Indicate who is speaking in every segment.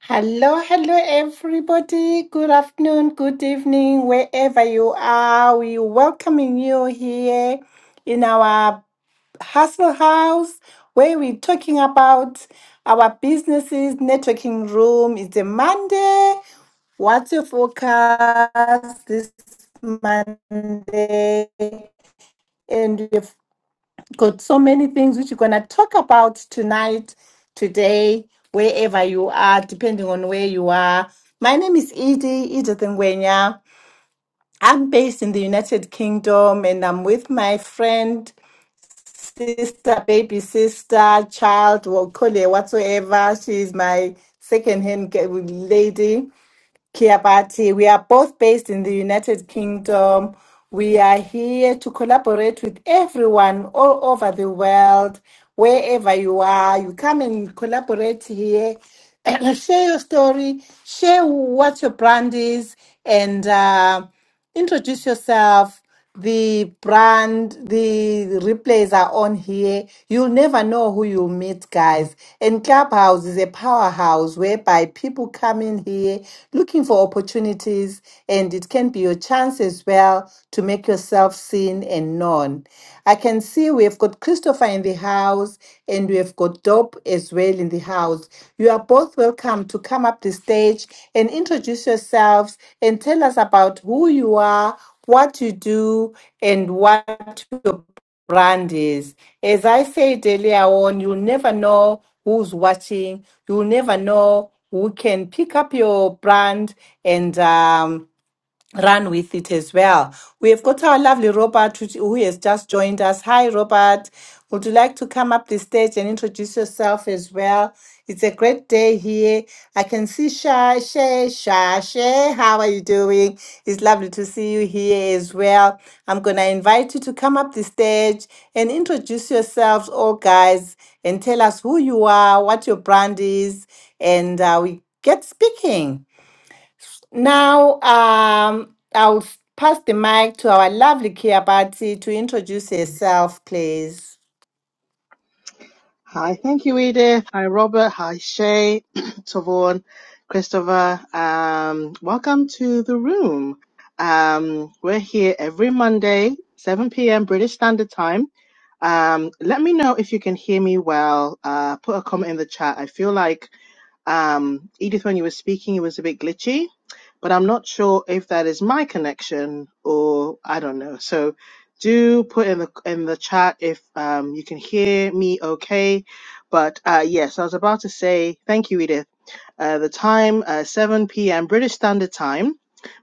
Speaker 1: Hello, hello, everybody. Good afternoon, good evening, wherever you are. We're welcoming you here in our hustle house where we're talking about our businesses networking room. It's a Monday. What's your focus this Monday? And we've got so many things which you're going to talk about tonight, today, wherever you are, depending on where you are. My name is Edie, Edith Ngwenya. I'm based in the United Kingdom and I'm with my friend, sister, baby sister, child, or call her whatsoever. She's my second hand lady. Kiabati. We are both based in the United Kingdom. We are here to collaborate with everyone all over the world, wherever you are. You come and collaborate here. and share your story, share what your brand is, and uh, introduce yourself the brand, the replays are on here. You'll never know who you'll meet, guys. And Clubhouse is a powerhouse whereby people come in here looking for opportunities, and it can be your chance as well to make yourself seen and known. I can see we've got Christopher in the house, and we've got Dope as well in the house. You are both welcome to come up the stage and introduce yourselves and tell us about who you are what you do and what your brand is. As I said earlier on, you never know who's watching, you never know who can pick up your brand and um, run with it as well. We have got our lovely Robert who who has just joined us. Hi, Robert. Would you like to come up the stage and introduce yourself as well? It's a great day here. I can see Sha, Shay, Sha, Shay. How are you doing? It's lovely to see you here as well. I'm going to invite you to come up the stage and introduce yourselves, all guys, and tell us who you are, what your brand is, and uh, we get speaking. Now, um, I'll pass the mic to our lovely Kia Bati to introduce herself, please.
Speaker 2: Hi, thank you, Edith. Hi, Robert. Hi, Shay, Tavon, Christopher. Um, welcome to the room. Um, we're here every Monday, 7 p.m. British Standard Time. Um, let me know if you can hear me well. Uh, put a comment in the chat. I feel like um, Edith, when you were speaking, it was a bit glitchy but I'm not sure if that is my connection or I don't know. So do put in the in the chat if um, you can hear me okay. But uh, yes, I was about to say thank you, Edith uh, the time, uh, 7 p.m. British Standard Time,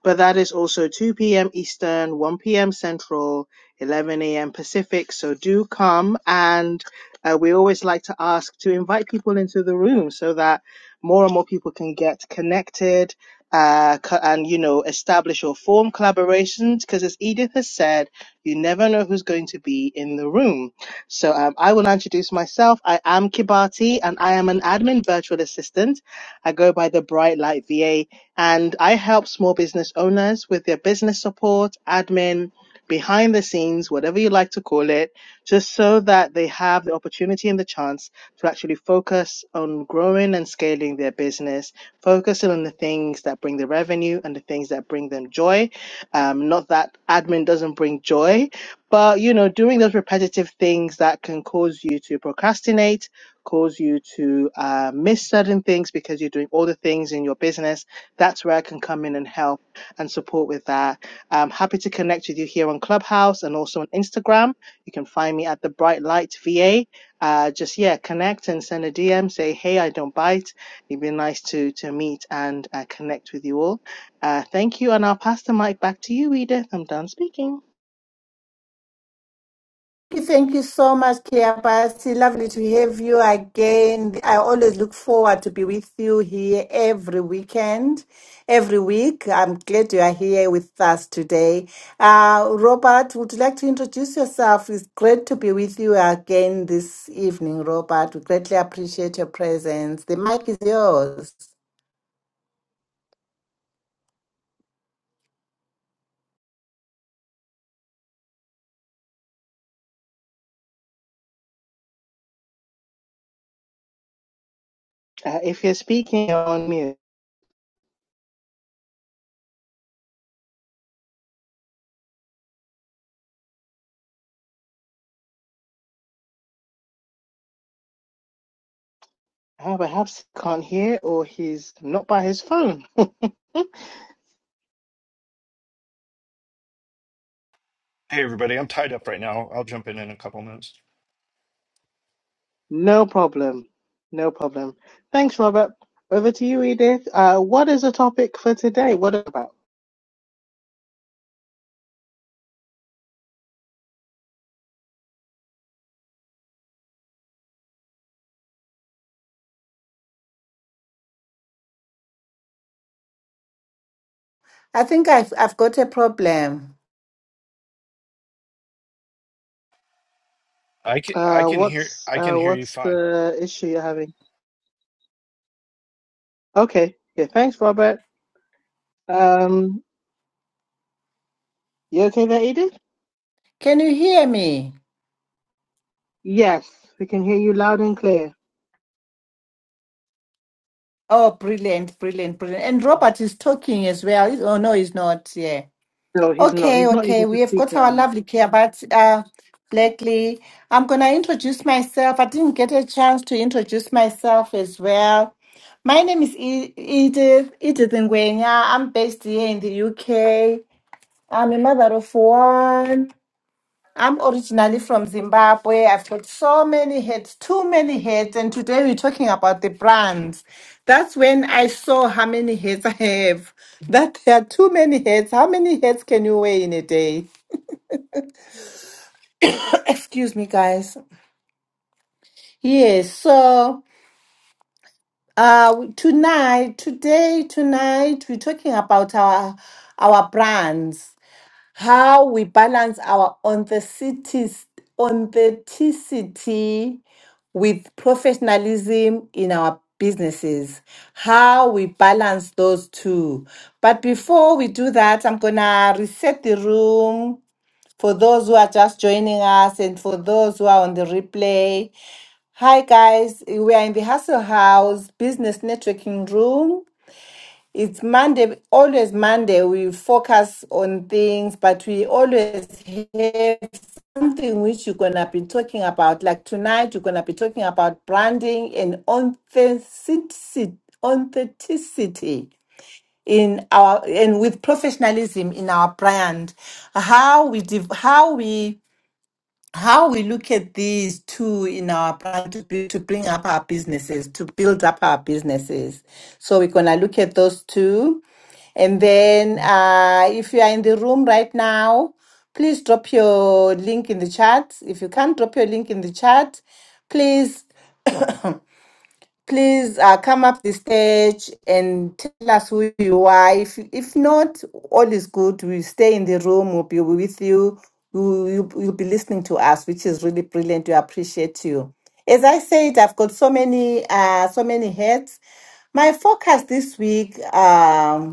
Speaker 2: but that is also 2 p.m. Eastern, 1 p.m. Central, 11 a.m. Pacific. So do come. And uh, we always like to ask to invite people into the room so that more and more people can get connected. Uh, co- and you know, establish or form collaborations because, as Edith has said, you never know who's going to be in the room. So um, I will introduce myself. I am Kibati and I am an admin virtual assistant I go by the Bright Light VA and I help small business owners with their business support, admin, behind the scenes, whatever you like to call it, just so that they have the opportunity and the chance to actually focus on growing and scaling their business, focusing on the things that bring the revenue and the things that bring them joy. Um, not that admin doesn't bring joy, but you know, doing those repetitive things that can cause you to procrastinate cause you to uh, miss certain things because you're doing all the things in your business. That's where I can come in and help and support with that. I'm happy to connect with you here on Clubhouse and also on Instagram. You can find me at the Bright Light VA. Uh, just yeah, connect and send a DM. Say hey, I don't bite. It'd be nice to to meet and uh, connect with you all. Uh, thank you, and I'll pass the mic back to you, Edith. I'm done speaking.
Speaker 1: Hey, Thank you so much, Kiapasi. Lovely to have you again. I always look forward to be with you here every weekend, every week. I'm glad you are here with us today. Uh, Robert, would you like to introduce yourself? It's great to be with you again this evening, Robert. We greatly appreciate your presence. The mic is yours.
Speaker 2: Uh, if you're speaking, you're on mute. Ah, perhaps he can't hear or he's not by his phone.
Speaker 3: Hey everybody, I'm tied up right now. I'll jump in in a couple minutes.
Speaker 2: No problem. No problem. Thanks, Robert. Over to you, Edith. Uh, what is the topic for today? What about?
Speaker 1: I think I've, I've got a problem.
Speaker 3: I can I
Speaker 2: Uh,
Speaker 3: can hear
Speaker 2: what's
Speaker 3: I
Speaker 2: uh,
Speaker 3: can hear you
Speaker 2: what's
Speaker 3: fine.
Speaker 2: the issue you're having? Okay. Yeah. Thanks, Robert. Um, you okay there, Edith?
Speaker 1: Can you hear me?
Speaker 2: Yes, we can hear you loud and clear.
Speaker 1: Oh, brilliant, brilliant, brilliant. And Robert is talking as well. Is- Oh, no, he's not. Yeah.
Speaker 2: No, he's not.
Speaker 1: Okay,
Speaker 2: He's not
Speaker 1: okay.
Speaker 2: able
Speaker 1: We
Speaker 2: to
Speaker 1: have
Speaker 2: speak
Speaker 1: got
Speaker 2: right
Speaker 1: our
Speaker 2: now.
Speaker 1: lovely care, but uh, Blackley, I'm going to introduce myself. I didn't get a chance to introduce myself as well. My name is E- Edith, Edith Ngwenya. I'm based here in the UK. I'm a mother of one. I'm originally from Zimbabwe. I've got so many heads, too many heads. And today we're talking about the brands. That's when I saw how many heads I have. That there are too many heads. How many heads can you wear in a day? Excuse me, guys. Yes. So uh, tonight, today, tonight, we're talking about our our brands. how we balance our authenticity, authenticity with professionalism in our businesses, how we balance those two. But before we do that, I'm going to reset the room for those who are just joining us and for those who are on the replay. Hi, guys. We are in the Hustle House Business Networking Room. It's Monday, always Monday. We focus on things, but we always have something which you're going to be talking about. Like tonight, you're going to be talking about branding and authenticity, authenticity in our, and with professionalism in our brand. How we, div- how we, how we look at these two in our plan to, be, to bring up our businesses, to build up our businesses. So we're going to look at those two. And then uh, if you are in the room right now, please drop your link in the chat. If you can't drop your link in the chat, please please uh, come up the stage and tell us who you are. If if not, all is good. We stay in the room. We'll be with you. You you you'll be listening to us, which is really brilliant. We appreciate you. As I said, I've got so many uh so many heads. My focus this week. Um,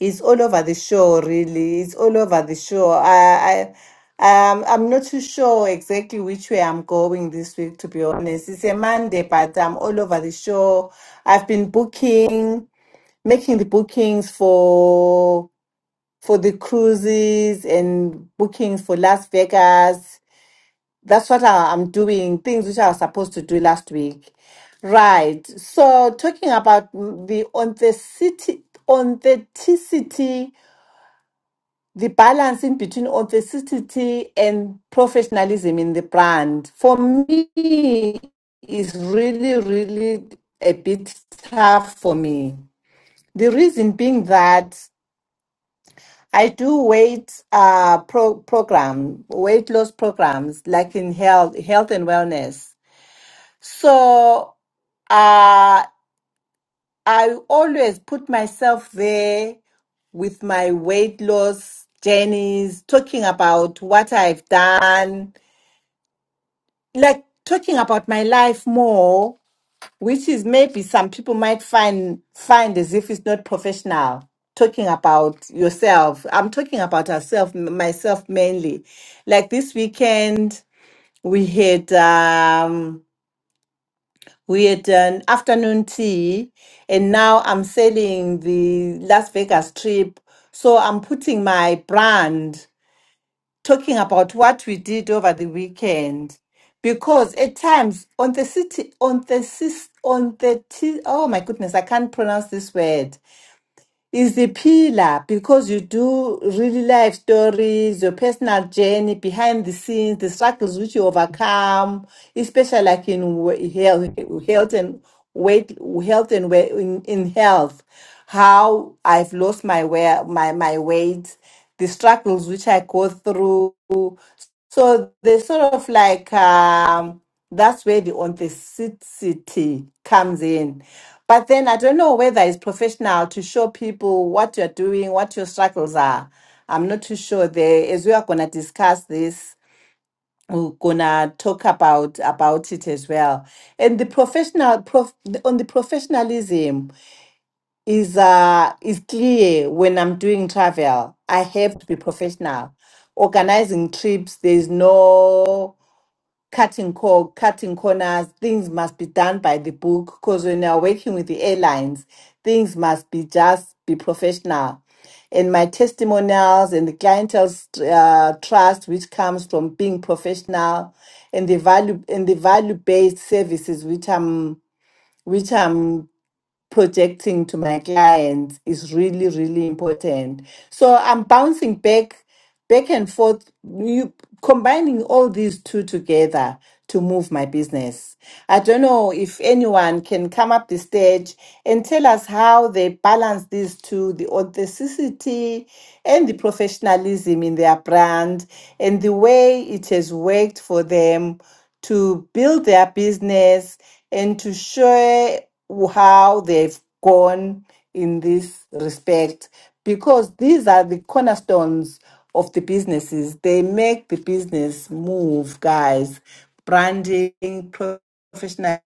Speaker 1: it's all over the show, really. It's all over the show. I, I, um, I'm not too sure exactly which way I'm going this week, to be honest. It's a Monday, but I'm all over the show. I've been booking, making the bookings for for the cruises and bookings for Las Vegas. That's what I, I'm doing. Things which I was supposed to do last week. Right. So talking about the authenticity, authenticity the balancing between authenticity and professionalism in the brand for me is really really a bit tough for me the reason being that i do weight uh pro- program weight loss programs like in health health and wellness so uh, I always put myself there with my weight loss journeys, talking about what I've done, like talking about my life more, which is maybe some people might find find as if it's not professional. Talking about yourself, I'm talking about herself, myself mainly. Like this weekend, we had. Um, We had an afternoon tea, and now I'm selling the Las Vegas trip. So I'm putting my brand talking about what we did over the weekend. Because at times on the city, on the sis, on the t- oh my goodness, I can't pronounce this word is the pillar because you do really life stories, your personal journey behind the scenes, the struggles which you overcome, especially like in we- health, health and weight, health and we- in, in health, how I've lost my wear, my my weight, the struggles which I go through, so they sort of like um, that's where the authenticity comes in. But then I don't know whether it's professional to show people what you're doing, what your struggles are. I'm not too sure there as we are gonna discuss this. We're gonna talk about about it as well. And the professional prof, on the professionalism is uh is clear when I'm doing travel. I have to be professional organizing trips there's no cutting cor- cutting corners. Things must be done by the book because when you're working with the airlines, things must be just be professional. And my testimonials and the clientele's uh, trust, which comes from being professional, and the value and the value based services, which I'm which I'm projecting to my clients is really really important so i'm bouncing back back and forth you combining all these two together to move my business i don't know if anyone can come up the stage and tell us how they balance these two the authenticity and the professionalism in their brand and the way it has worked for them to build their business and to share how they've gone in this respect because these are the cornerstones of the businesses. They make the business move, guys. Branding, professionalism,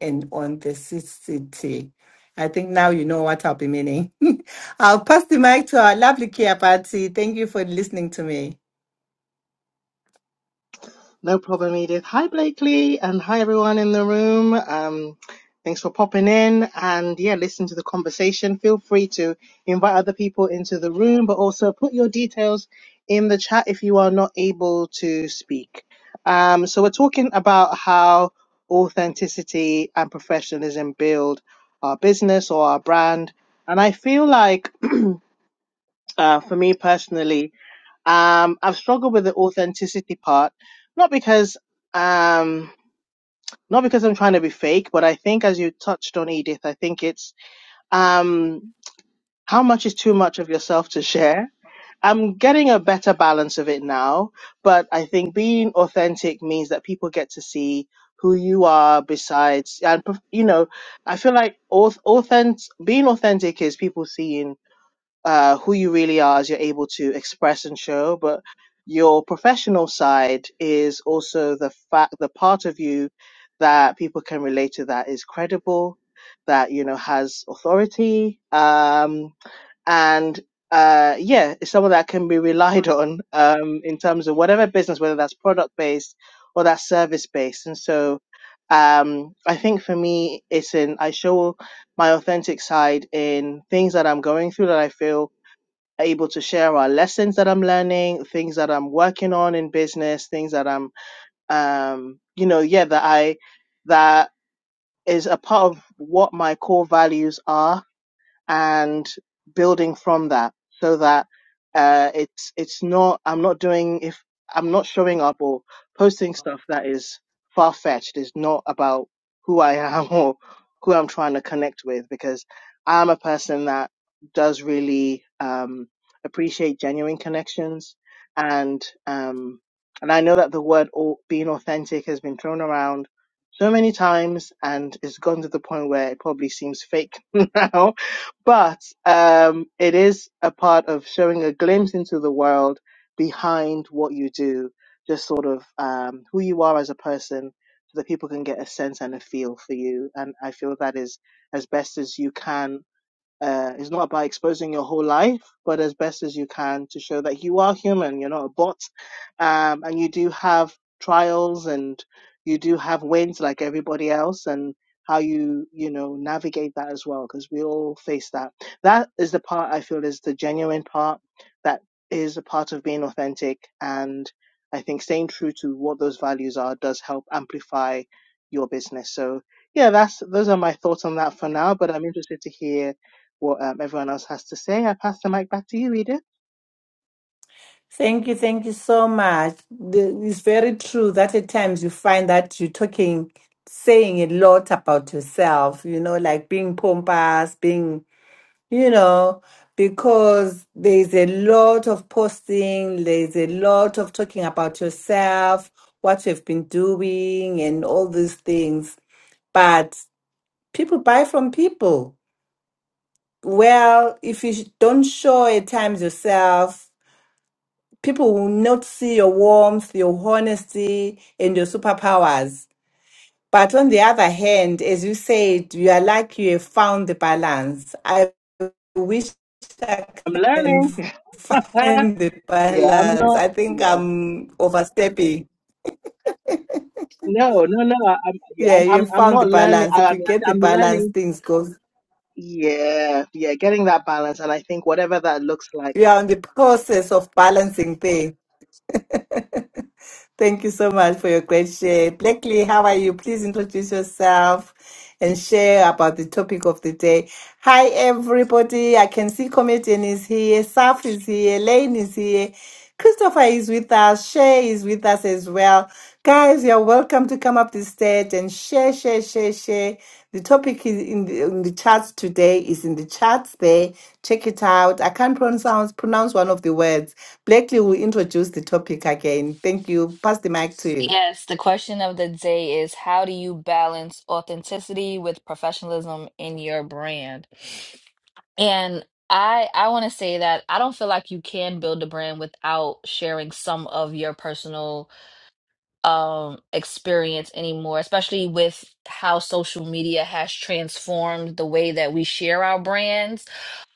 Speaker 1: and authenticity. I think now you know what I'll be meaning. I'll pass the mic to our lovely Kia Party. Thank you for listening to me.
Speaker 2: No problem, Edith. Hi, Blakely, and hi, everyone in the room. Um, thanks for popping in and yeah, listen to the conversation. Feel free to invite other people into the room, but also put your details in the chat if you are not able to speak. Um, so we're talking about how authenticity and professionalism build our business or our brand. And I feel like, uh, for me personally, um, I've struggled with the authenticity part, not because um, not because I'm trying to be fake, but I think as you touched on, Edith, I think it's um, how much is too much of yourself to share. I'm getting a better balance of it now, but I think being authentic means that people get to see who you are besides and you know i feel like auth- authent- being authentic is people seeing uh, who you really are as you're able to express and show, but your professional side is also the fact, the part of you that people can relate to that is credible, that, you know, has authority, um, and, uh, yeah, it's someone that can be relied on, um, in terms of whatever business, whether that's product based or that's service based. And so, um, I think for me, it's in, I show my authentic side in things that I'm going through that I feel able to share our lessons that I'm learning, things that I'm working on in business, things that I'm, um, you know, yeah, that I, that is a part of what my core values are and building from that so that uh, it's it's not I'm not doing if I'm not showing up or posting stuff that is far fetched is not about who I am or who I'm trying to connect with because I'm a person that does really um, appreciate genuine connections and um, and I know that the word au- being authentic has been thrown around so many times and it's gone to the point where it probably seems fake now but um, it is a part of showing a glimpse into the world behind what you do, just sort of um, who you are as a person, so that people can get a sense and a feel for you. And I feel that is as best as you can uh, it's not about exposing your whole life, but as best as you can to show that you are human, you're not a bot, um, and you do have trials and you do have wins like everybody else, and how you you know navigate that as well, because we all face that. That is the part I feel is the genuine part. That is a part of being authentic, and I think staying true to what those values are does help amplify your business. So yeah, that's those are my thoughts on that for now. But I'm interested to hear what um, everyone else has to say. I pass the mic back to you, Edith.
Speaker 1: Thank you, thank you so much. The- It's very true that at times you find that you're talking, saying a lot about yourself, you know, like being pompous, being, you know, because there's a lot of posting, there's a lot of talking about yourself, what you've been doing, and all these things. But people buy from people. Well, if you don't show at times yourself, People will not see your warmth, your honesty, and your superpowers. But on the other hand, as you said, you are like you have found the balance. I wish I
Speaker 2: I'm
Speaker 1: can
Speaker 2: learning.
Speaker 1: find the
Speaker 2: yeah, I'm
Speaker 1: balance.
Speaker 2: not.
Speaker 1: I think
Speaker 2: Yeah.
Speaker 1: I'm overstepping.
Speaker 2: No, no, no. I- I'm yeah,
Speaker 1: Yeah,
Speaker 2: I'm
Speaker 1: you
Speaker 2: I'm
Speaker 1: have
Speaker 2: I'm
Speaker 1: found the
Speaker 2: not learning.
Speaker 1: balance.
Speaker 2: I,
Speaker 1: If you
Speaker 2: I'm
Speaker 1: get the
Speaker 2: I'm
Speaker 1: balance,
Speaker 2: learning.
Speaker 1: things go.
Speaker 2: Yeah, yeah, getting that balance, and I think whatever that looks like.
Speaker 1: You are in the process of balancing things. Thank you so much for your great share. Blakely, how are you? Please introduce yourself and share about the topic of the day. Hi, everybody. I can see Comedian is here, Saf is here, Lane is here, Christopher is with us, Shay is with us as well. Guys, you're welcome to come up the stage and share, share, share, share. The topic is in the, in the charts today is in the charts there. Check it out. I can't pronounce pronounce one of the words. Blakely will introduce the topic again. Thank you. Pass the mic to you.
Speaker 4: Yes, the question of the day is how do you balance authenticity with professionalism in your brand? And I I want to say that I don't feel like you can build a brand without sharing some of your personal um experience anymore, especially with how social media has transformed the way that we share our brands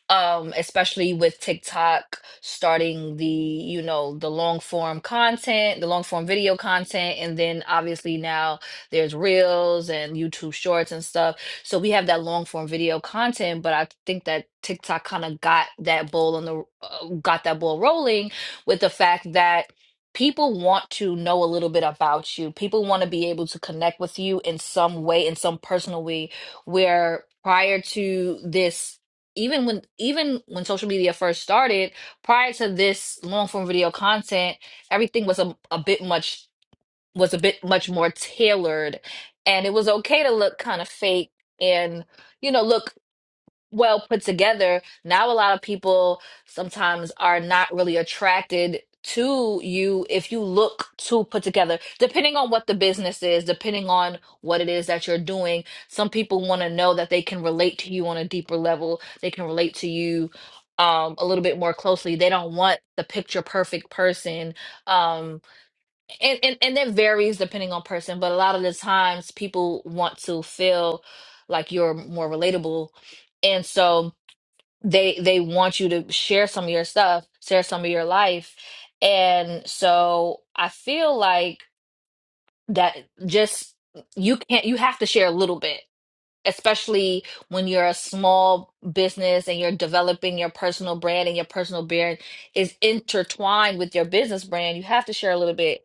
Speaker 4: um especially with TikTok starting the you know the long form content the long form video content and then obviously now there's reels and YouTube shorts and stuff so we have that long form video content but I think that TikTok kind of got that ball on the uh, got that ball rolling with the fact that people want to know a little bit about you people want to be able to connect with you in some way in some personal way where prior to this even when even when social media first started, prior to this long form video content, everything was a, a bit much was a bit much more tailored and it was okay to look kind of fake and you know look well put together. Now, a lot of people sometimes are not really attracted to you if you look too put together, depending on what the business is, depending on what it is that you're doing. Some people want to know that they can relate to you on a deeper level, they can relate to you. Um, a little bit more closely. They don't want the picture perfect person. Um, and, and, and that varies depending on person, but a lot of the times people want to feel like you're more relatable. And so they they want you to share some of your stuff, share some of your life. And so I feel like that just you can't you have to share a little bit, especially when you're a small business and you're developing your personal brand and your personal brand is intertwined with your business brand, you have to share a little bit.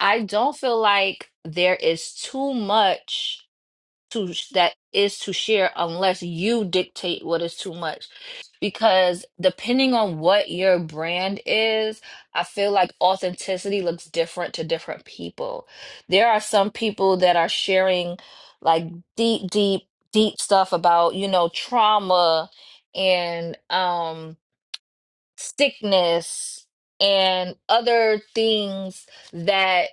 Speaker 4: I don't feel like there is too much to that is to share unless you dictate what is too much because depending on what your brand is i feel like authenticity looks different to different people there are some people that are sharing like deep deep deep stuff about you know trauma and um sickness and other things that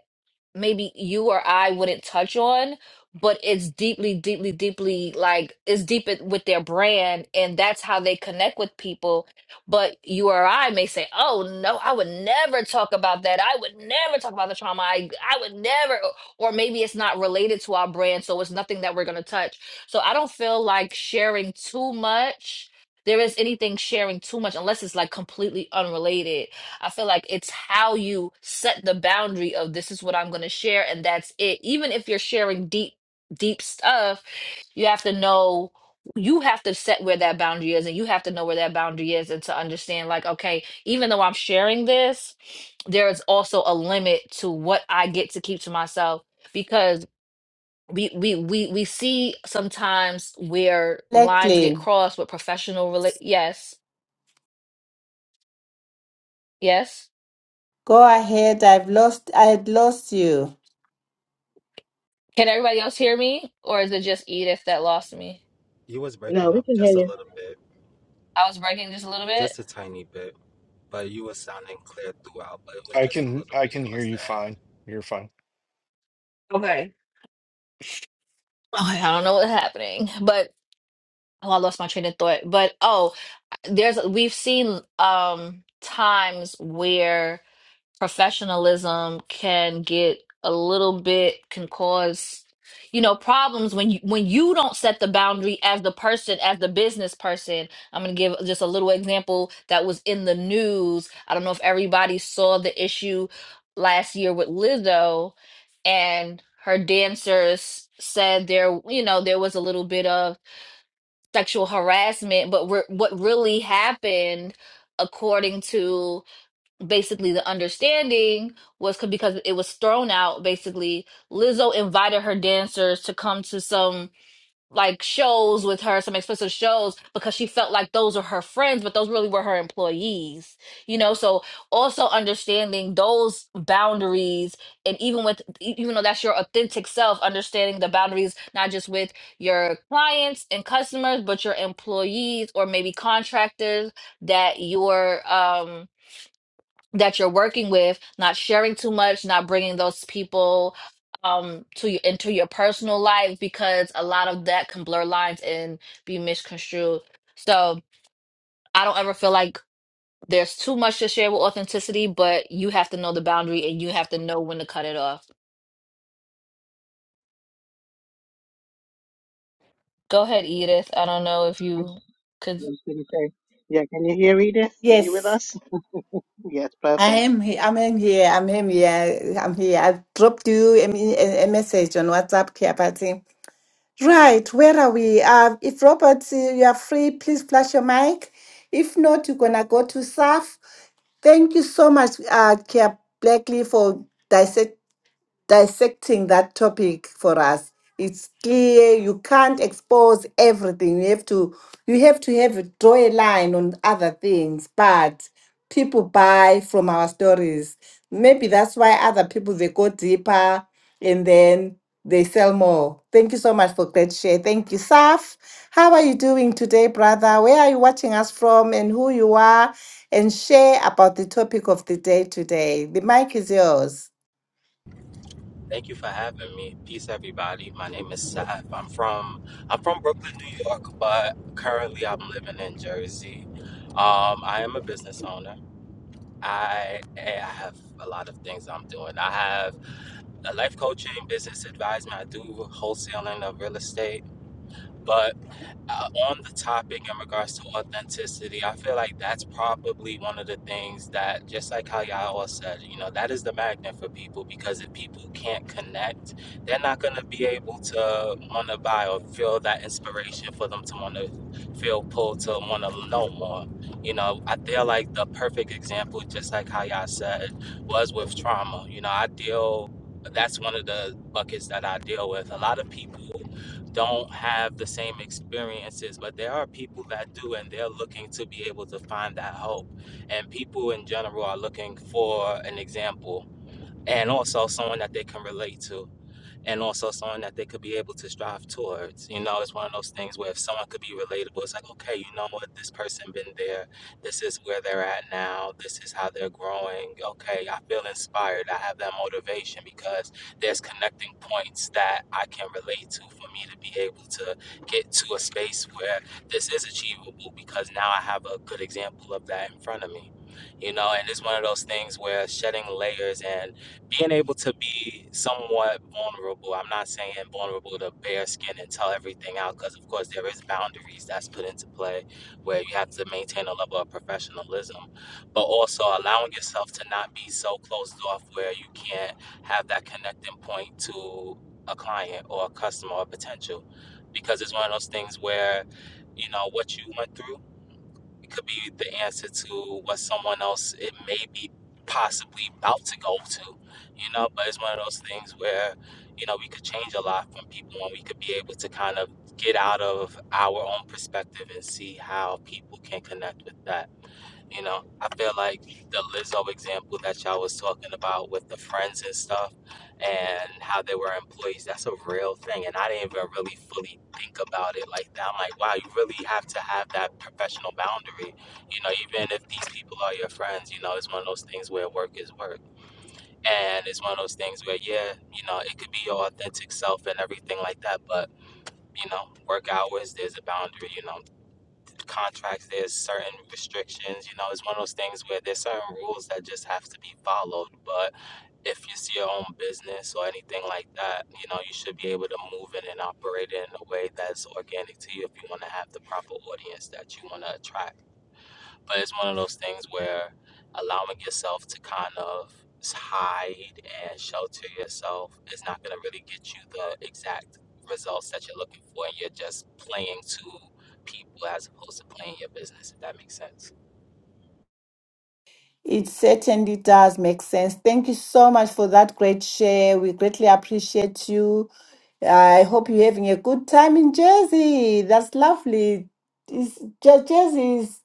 Speaker 4: maybe you or I wouldn't touch on, but it's deeply, deeply, deeply like it's deep in- with their brand, and that's how they connect with people. But you or I may say, "Oh no, I would never talk about that. I would never talk about the trauma. I I would never." Or maybe it's not related to our brand, so it's nothing that we're gonna touch. So I don't feel like sharing too much. There is anything sharing too much unless it's like completely unrelated I feel like it's how you set the boundary of this is what I'm going to share and that's it. Even if you're sharing deep, deep stuff, you have to know, you have to set where that boundary is and you have to know where that boundary is and to understand, like, okay, even though I'm sharing this, there is also a limit to what I get to keep to myself because. We, we we we see sometimes where lines get
Speaker 1: Blakely,
Speaker 4: crossed with professional rela- yes yes
Speaker 1: go ahead. I've lost. I had lost you.
Speaker 4: Can everybody else hear me? Or is it just Edith that lost me?
Speaker 5: You was
Speaker 2: No,
Speaker 5: breaking
Speaker 2: we
Speaker 5: up
Speaker 2: can hear
Speaker 5: just a
Speaker 2: you.
Speaker 5: little bit,
Speaker 4: I was breaking just a little bit.
Speaker 5: just a tiny bit, but you were sounding clear throughout, but it was
Speaker 3: I
Speaker 5: just a
Speaker 3: can
Speaker 5: little
Speaker 3: I
Speaker 5: bit
Speaker 3: can hear
Speaker 5: towards
Speaker 3: you
Speaker 5: the end.
Speaker 3: fine. You're fine.
Speaker 4: Okay. Okay, I don't know what's happening, but oh, I lost my train of thought. But oh, there's we've seen um times where professionalism can get a little bit can cause you know problems when you when you don't set the boundary as the person as the business person i'm going to give just a little example that was in the news i don't know if everybody saw the issue last year with lizzo and her dancers said there you know there was a little bit of sexual harassment but re- what really happened according to basically the understanding was c- because it was thrown out basically lizzo invited her dancers to come to some like shows with her some expensive shows because she felt like those were her friends but those really were her employees you know so also understanding those boundaries and even with e- even though that's your authentic self understanding the boundaries not just with your clients and customers but your employees or maybe contractors that your um that you're working with, not sharing too much, not bringing those people um to your into your personal life because a lot of that can blur lines and be misconstrued. So I don't ever feel like there's too much to share with authenticity, but you have to know the boundary and you have to know when to cut it off. Go ahead, Edith. I don't know if you could.
Speaker 2: I'm gonna say, Yeah, can you hear Edith? Are you with
Speaker 1: Yes.
Speaker 2: us? Yes,
Speaker 1: I
Speaker 2: perfect.
Speaker 1: am here. I'm in here. I'm in here. I'm here. I dropped you a, me- a a message on WhatsApp, Kia Party. Right, where are we? Uh, if Robert, uh, you are free, please flash your mic. If not, you're gonna go to surf. Thank you so much, uh, Kia Blackley, for dissecting dissecting that topic for us. It's clear you can't expose everything. You have to you have to have a draw a line on other things, but people buy from our stories. Maybe that's why other people they go deeper and then they sell more. Thank you so much for great share. Thank you, Saf. How are you doing today, brother? Where are you watching us from and who you are? And share about the topic of the day today. The mic is yours.
Speaker 5: Thank you for having me. Peace everybody. My name is Saf. I'm from I'm from Brooklyn, New York, but currently I'm living in Jersey. Um, I am a business owner. I I have a lot of things I'm doing. I have a life coaching, business advisement. I do wholesaling of real estate. But uh, on the topic in regards to authenticity, I feel like that's probably one of the things that, just like how y'all all said, you know, that is the magnet for people because if people can't connect, they're not going to be able to want to buy or feel that inspiration for them to want to feel pulled to want to know more. You know, I feel like the perfect example, just like how y'all said, was with trauma. You know, I deal. That's one of the buckets that I deal with. A lot of people don't have the same experiences, but there are people that do, and they're looking to be able to find that hope. And people in general are looking for an example and also someone that they can relate to and also something that they could be able to strive towards. You know, it's one of those things where if someone could be relatable, it's like, okay, you know what, this person been there. This is where they're at now. This is how they're growing. Okay, I feel inspired. I have that motivation because there's connecting points that I can relate to for me to be able to get to a space where this is achievable because now I have a good example of that in front of me. You know, and it's one of those things where shedding layers and being able to be somewhat vulnerable i'm not saying vulnerable to bare skin and tell everything out because of course there is boundaries that's put into play where you have to maintain a level of professionalism but also allowing yourself to not be so closed off where you can't have that connecting point to a client or a customer or potential because it's one of those things where you know what you went through it could be the answer to what someone else it may be possibly about to go to, you know. But it's one of those things where, you know, we could change a lot from people and we could be able to kind of get out of our own perspective and see how people can connect with that. You know, I feel like the Lizzo example that y'all was talking about with the friends and stuff and how they were employees, that's a real thing. And I didn't even really fully think about it like that. I'm like, wow, you really have to have that professional boundary. You know, even if these people are your friends, you know, it's one of those things where work is work. And it's one of those things where, yeah, you know, it could be your authentic self and everything like that. But, you know, work hours, there's a boundary, you know contracts, there's certain restrictions. You know, it's one of those things where there's certain rules that just have to be followed. But if you see your own business or anything like that, you know, you should be able to move in and operate it in a way that's organic to you if you want to have the proper audience that you want to attract. But it's one of those things where allowing yourself to kind of hide and shelter yourself is not going to really get you the exact results that you're looking for. And you're just playing to people as opposed to playing your business, if that makes sense.
Speaker 1: It certainly does make sense. Thank you so much for that great share. We greatly appreciate you. I hope you're having a good time in Jersey. That's lovely. Is Jer- Jersey is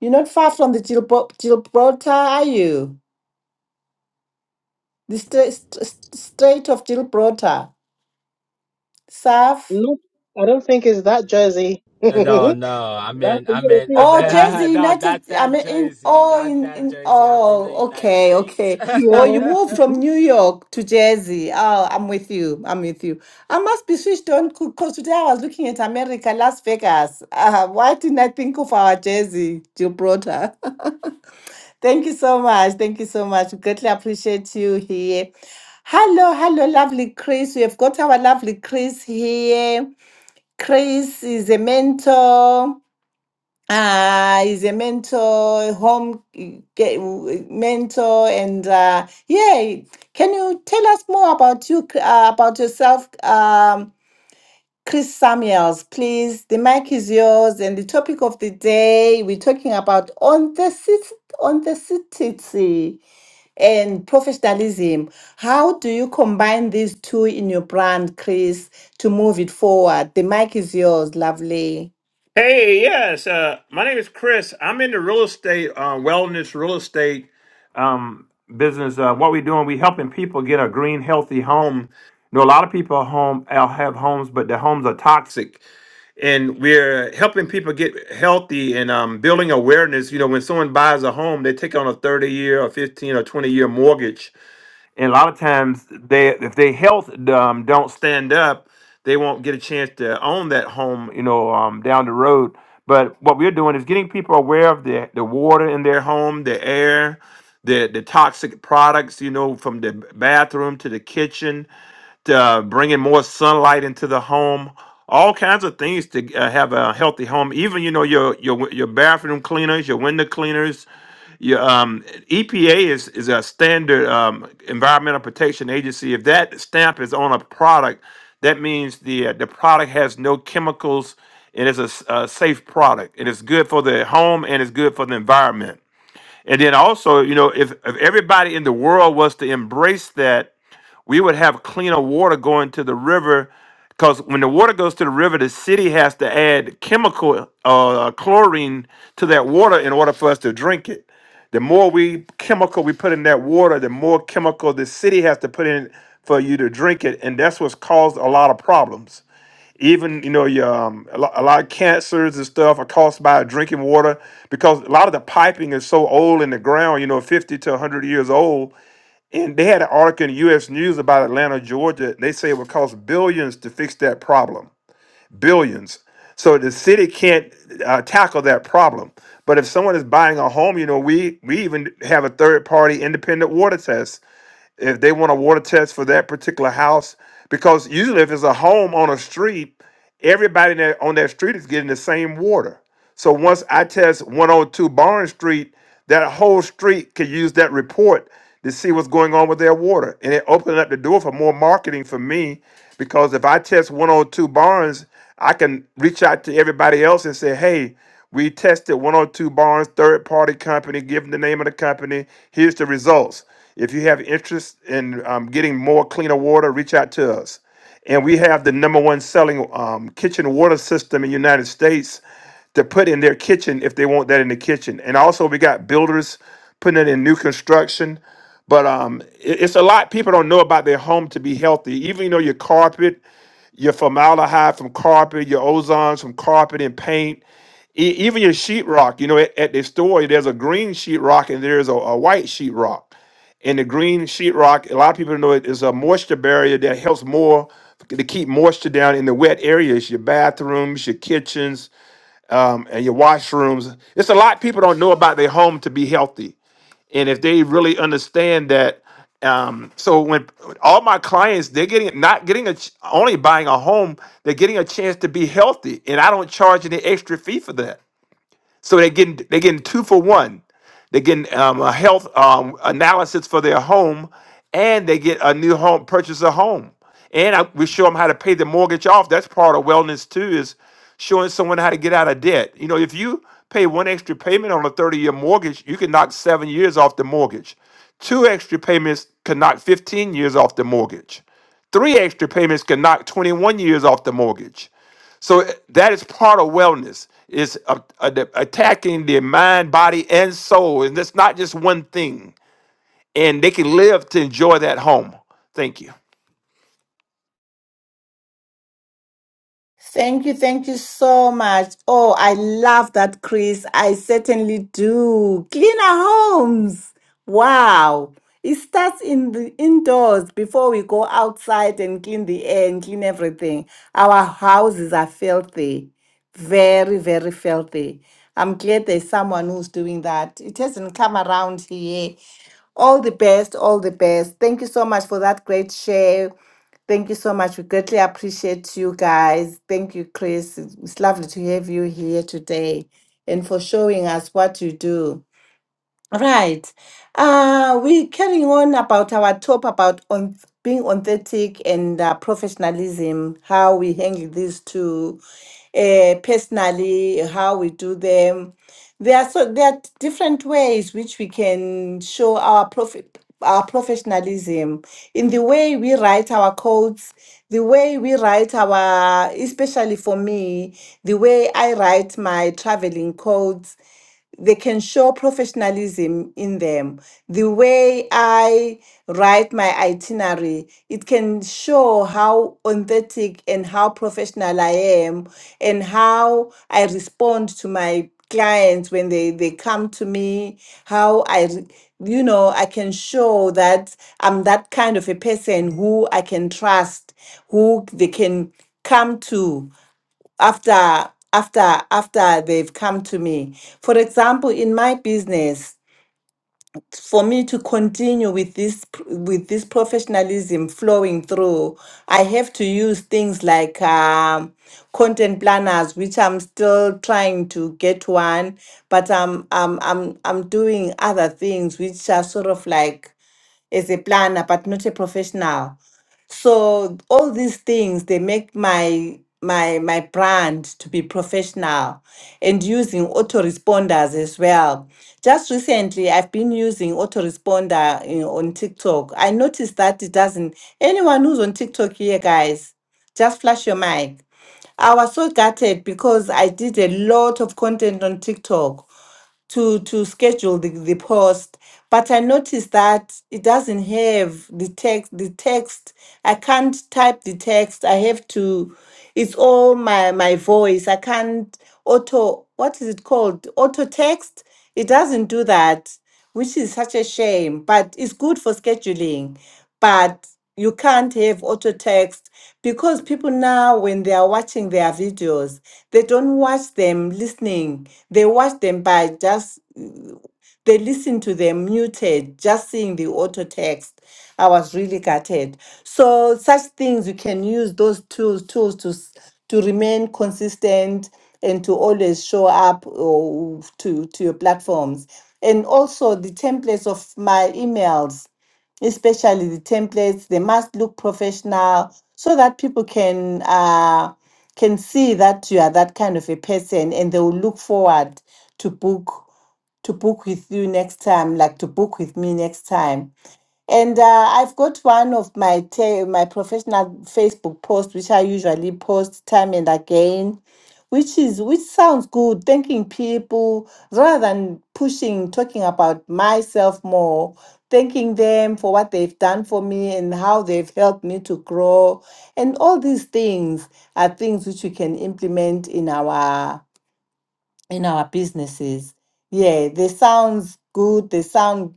Speaker 1: you're not far from the Gilbo- Gibraltar, are you? The stra- st- st- Strait of Gibraltar. Surf.
Speaker 2: No, I don't think it's that jersey. That's
Speaker 5: Uh, No, no, I
Speaker 2: the
Speaker 5: mean, I mean,
Speaker 2: European
Speaker 5: I mean,
Speaker 1: Oh, Jersey
Speaker 2: jersey.
Speaker 5: no,
Speaker 1: United.
Speaker 5: not
Speaker 1: I
Speaker 5: that
Speaker 1: mean, in
Speaker 5: Jersey,
Speaker 1: oh,
Speaker 5: not
Speaker 1: in
Speaker 5: that
Speaker 1: in
Speaker 5: Jersey. I've been to the
Speaker 1: oh,
Speaker 5: United
Speaker 1: okay,
Speaker 5: States.
Speaker 1: okay. Or you moved
Speaker 2: Yeah.
Speaker 1: from New York to Jersey. Oh, I'm with you. I'm with you. I must be switched on because today I was looking at America, Las Vegas. Uh, why didn't I think of our Jersey, Gibraltar? Thank you so much. Thank you so much. Greatly appreciate you here. Hello, hello, lovely Chris. We have got our lovely Chris here. Chris is a mentor uh he's a mentor home eh, ge- mentor and uh yeah can you tell us more about you uh, about yourself um chris samuels please the mic is yours and the topic of the day we're talking about on the authenticity and professionalism how do you combine these two in your brand chris to move it forward the mic is yours lovely
Speaker 6: Hey, yes. Uh, my name is Chris. I'm in the real estate, uh, wellness real estate um, business. Uh, what we're doing, we helping people get a green, healthy home. You know, a lot of people are home uh, have homes, but their homes are toxic, and we're helping people get healthy and um, building awareness. You know, when someone buys a home, they take on a 30 year, or 15, or 20 year mortgage and a lot of times they if their health um, don't stand up they won't get a chance to own that home you know um, down the road but what we're doing is getting people aware of the, the water in their home the air the, the toxic products you know from the bathroom to the kitchen uh, bringing more sunlight into the home, all kinds of things to uh, have a healthy home. Even you know your your your bathroom cleaners, your window cleaners. Your um, EPA is is a standard um, environmental protection agency. If that stamp is on a product, that means the uh, the product has no chemicals. It is a, s- a safe product. It is good for the home and it's good for the environment. And then also, you know, if, if everybody in the world was to embrace that we would have cleaner water going to the river because when the water goes to the river the city has to add chemical uh, chlorine to that water in order for us to drink it the more we chemical we put in that water the more chemical the city has to put in for you to drink it and that's what's caused a lot of problems even you know your um, a, lot, a lot of cancers and stuff are caused by drinking water because a lot of the piping is so old in the ground you know 50 to 100 years old and they had an article in the U.S. News about Atlanta, Georgia. They say it would cost billions to fix that problem. Billions. So the city can't uh, tackle that problem. But if someone is buying a home, you know, we we even have a third party independent water test. If they want a water test for that particular house, because usually if it's a home on a street, everybody that on that street is getting the same water. So once I test 102 Barnes Street, that whole street could use that report to see what's going on with their water. And it opened up the door for more marketing for me because if I test 102 Barnes, I can reach out to everybody else and say, hey, we tested 102 Barnes, third party company, give them the name of the company. Here's the results. If you have interest in um, getting more cleaner water, reach out to us and we have the number one selling um, kitchen water system in the United States to put in their kitchen if they want that in the kitchen. And also, we got builders putting it in new construction. But um, it- it's a lot people don't know about their home to be healthy. Even you know your carpet, your formaldehyde from carpet, your ozons from carpet and paint, e- even your sheetrock. You know, at, at the store, there's a green sheetrock and there's a, a white sheetrock. And the green sheetrock, a lot of people know it is a moisture barrier that helps more to keep moisture down in the wet areas, your bathrooms, your kitchens, and your washrooms. It's a lot people don't know about their home to be healthy, and if they really understand that. Um, so when all my clients, they're getting not getting a ch- only buying a home, they're getting a chance to be healthy, and I don't charge any extra fee for that. So they're getting they're getting two for one. They're getting um, a health um, analysis for their home, and they get a new home purchase a home. And I, we show them how to pay the mortgage off. That's part of wellness too, is showing someone how to get out of debt. You know, if you pay one extra payment on a 30-year mortgage, you can knock seven years off the mortgage. Two extra payments can knock 15 years off the mortgage. Three extra payments can knock 21 years off the mortgage so eh, that is part of wellness is a- a- attacking their mind, body, and soul, and that's not just one thing. And they can live to enjoy that home. Thank you.
Speaker 1: Thank you, thank you so much. Oh, I love that, Chris. I certainly do. Cleaner homes. Wow. It starts in the indoors before we go outside and clean the air and clean everything. Our houses are filthy, very, very filthy. I'm glad there's someone who's doing that. It hasn't come around here all the best, all the best. Thank you so much for that great share. Thank you so much. We greatly appreciate you guys. Thank you, Chris. It's it's lovely to have you here today and for showing us what you do. Right. Uh, we're carrying on about our talk about on being authentic and uh, professionalism, how we handle these two uh, personally, how we do them. There are so there are different ways which we can show our profit our professionalism in the way we write our codes, the way we write our, especially for me, the way I write my traveling codes, they can show professionalism in them. The way I write my itinerary, it can show how authentic and how professional I am and how I respond to my clients when they, they come to me, how I, re- you know, I can show that I'm that kind of a person who I can trust, who they can come to after after after they've come to me for example in my business for me to continue with this pr- with this professionalism flowing through i have to use things like um, content planners which i'm still trying to get one but i'm i'm i'm, I'm doing other things which are sort of like as a planner, but not a professional. So all these things they make my my my brand to be professional and using autoresponders as well. Just recently I've been using autoresponder you know, on TikTok. I noticed that it doesn't anyone who's on TikTok here guys, just flash your mic. I was so gutted because I did a lot of content on TikTok to to schedule the, the post but i noticed that it doesn't have the text the text i can't type the text i have to it's all my my voice i can't auto what is it called auto text it doesn't do that which is such a shame, but it's good for scheduling. But you can't have auto text because people now, when they are watching their videos, they don't watch them listening. They watch them by just they listened to them muted, just seeing the auto text. I was really gutted. So such things you can use those tools tools to s- to remain consistent and to always show up or to to your platforms. And also the templates of my emails especially the templates they must look professional so that people can uh, can see that you are that kind of a person and they will look forward to book to book with you next time, like to book with me next time. And uh, I've got one of my ta- my professional Facebook posts, which I usually post time and again, which is which sounds good, thanking people rather than pushing, talking about myself more, thanking them for what they've done for me and how they've helped me to grow. And all these things are things which we can implement in our in our businesses. Yeah, they sounds good. They sound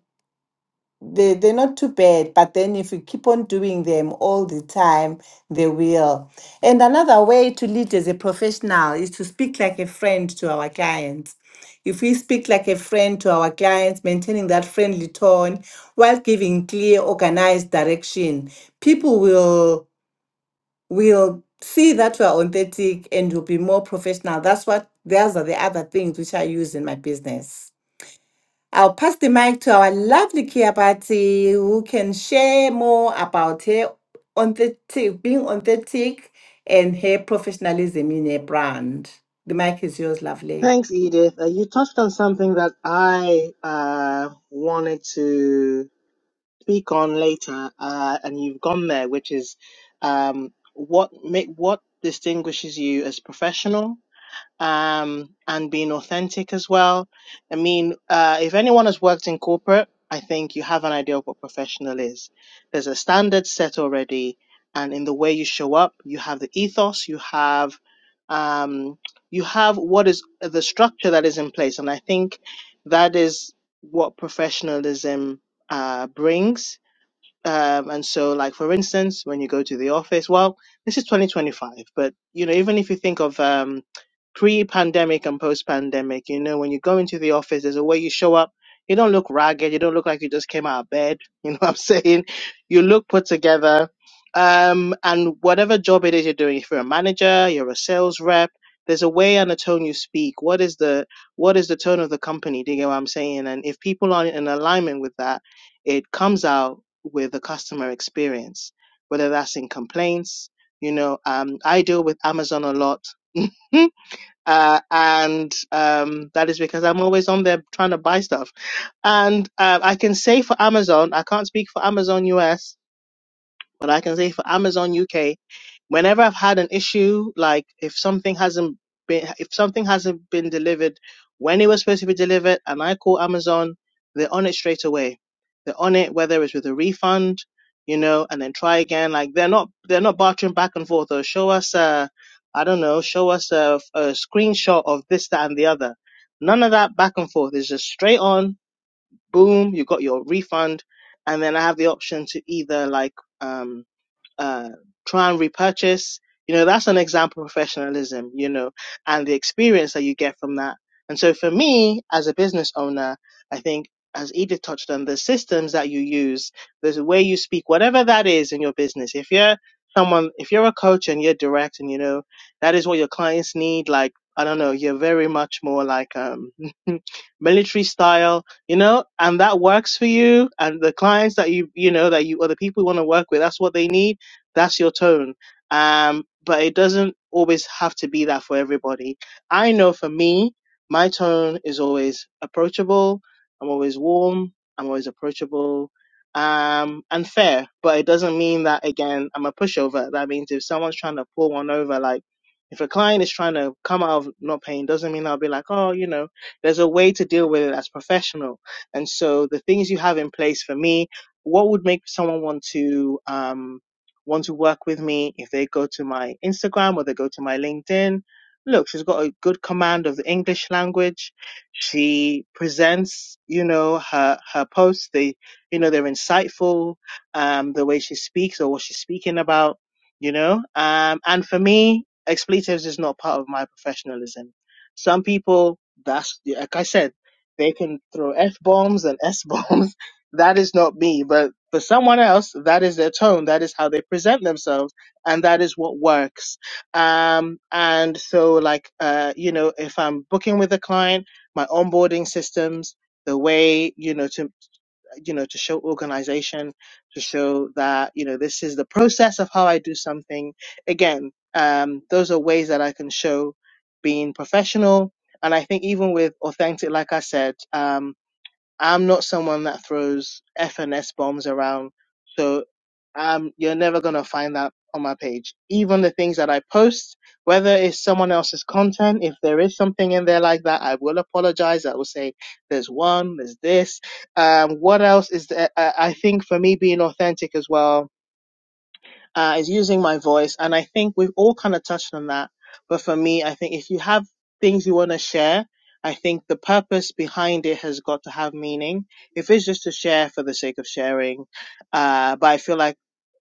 Speaker 1: they they're not too bad, but then if you keep on doing them all the time, they will. And another way to lead as a professional is to speak like a friend to our clients. If we speak like a friend to our clients, maintaining that friendly tone while giving clear, organized direction, people will we'll see that we're authentic and we'll be more professional. That's what those are the other things which I use in my business. I'll pass the mic to our lovely Kia Party who can share more about her authentic being authentic and her professionalism in her brand. The mic is yours, lovely.
Speaker 2: Thanks, Edith. Uh, you touched on something that I uh, wanted to speak on later, uh, and you've gone there, which is um, what make what distinguishes you as professional um, and being authentic as well. I mean, uh, if anyone has worked in corporate, I think you have an idea of what professional is. There's a standard set already, and in the way you show up, you have the ethos, you have, um, you have what is the structure that is in place, and I think that is what professionalism uh, brings um, and so, like for instance, when you go to the office, well, this is 2025, but you know, even if you think of um, pre-pandemic and post-pandemic, you know, when you go into the office, there's a way you show up. You don't look ragged. You don't look like you just came out of bed. You know what I'm saying? You look put together. Um, and whatever job it is you're doing, if you're a manager, you're a sales rep, there's a way and a tone you speak. What is the what is the tone of the company? Do you get what I'm saying? And if people aren't in alignment with that, it comes out with the customer experience, whether that's in complaints. You know, um, I deal with Amazon a lot. Uh, and um, that is because I'm always on there trying to buy stuff. And uh, I can say for Amazon, I can't speak for Amazon US, but I can say for Amazon UK, whenever I've had an issue, like if something hasn't been if something hasn't been delivered when it was supposed to be delivered, and I call Amazon, they're on it straight away. They're on it, whether it's with a refund, you know, and then try again. Like they're not they're not bartering back and forth. Or show us a I don't know, show us a, a screenshot of this, that, and the other. None of that back and forth. It's just straight on. Boom, you got your refund, and then I have the option to either like um uh, try and repurchase. You know, that's an example of professionalism, you know, and the experience that you get from that. And so for me, as a business owner, I think as Edith touched on, the systems that you use, the way you speak, whatever that is in your business, if you're someone, if you're a coach and you're direct and you know, that is what your clients need, like, I don't know, you're very much more like, um, military style, you know, and that works for you and the clients that you, you know, that you, or the people you want to work with, that's what they need that's your tone. Um, but it doesn't always have to be that for everybody. I know for me, my tone is always approachable. I'm always warm. I'm always approachable. Um, and fair, but it doesn't mean that again, I'm a pushover. That means if someone's trying to pull one over, like if a client is trying to come out of not paying, doesn't mean I'll be like, oh, you know, there's a way to deal with it that's professional. And so the things you have in place for me, what would make someone want to, um, want to work with me, if they go to my Instagram or they go to my LinkedIn, look, she's got a good command of the English language. She presents, you know, her, her posts. They, you know, they're insightful, um, the way she speaks or what she's speaking about, you know, um, and for me, expletives is not part of my professionalism. Some people, that's, like I said, they can throw F bombs and S bombs that is not me. But for someone else, that is their tone. That is how they present themselves, and that is what works. Um, and so, like, uh, you know, if I'm booking with a client, my onboarding systems, the way you know to you know to show organization, to show that you know this is the process of how I do something. Again, um, those are ways that I can show being professional. And I think even with authentic, like I said, um, I'm not someone that throws F and S bombs around. So um, you're never going to find that on my page. Even the things that I post, whether it's someone else's content, if there is something in there like that, I will apologize. I will say there's one, there's this. Um, what else is there? I I think for me being authentic as well, uh, is using my voice. And I think we've all kind of touched on that. But for me, I think if you have things you want to share, I think the purpose behind it has got to have meaning. If it's just to share for the sake of sharing, uh, but I feel like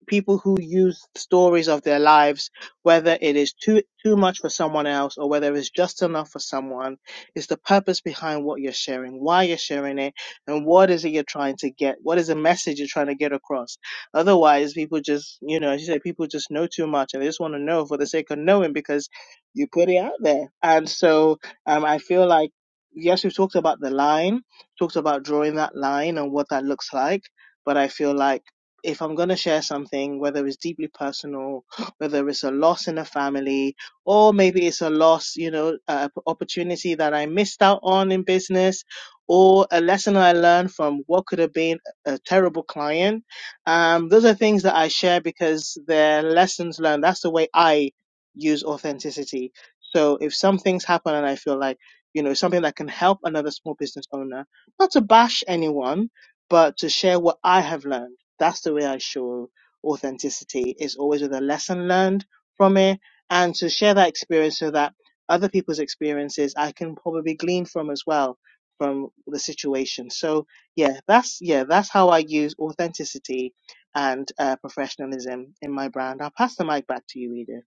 Speaker 2: people who use stories of their lives, whether it is too too much for someone else or whether it's just enough for someone, is the purpose behind what you're sharing, why you're sharing it, and what is it you're trying to get? What is the message you're trying to get across? Otherwise, people just, you know, as you say, people just know too much and they just want to know for the sake of knowing because you put it out there. And so um, I feel like yes, we've talked about the line, talked about drawing that line and what that looks like. But I feel like if I'm going to share something, whether it's deeply personal, whether it's a loss in a family, or maybe it's a loss, you know, uh, opportunity that I missed out on in business, or a lesson I learned from what could have been a terrible client. Um, those are things that I share because they're lessons learned. That's the way I use authenticity. So if something's happened and I feel like, you know, something that can help another small business owner, not to bash anyone, but to share what I have learned that's the way I show authenticity is always with a lesson learned from it and to share that experience so that other people's experiences I can probably glean from as well from the situation. So yeah, that's yeah, that's how I use authenticity and uh, professionalism in my brand. I'll pass the mic back to you, Edith.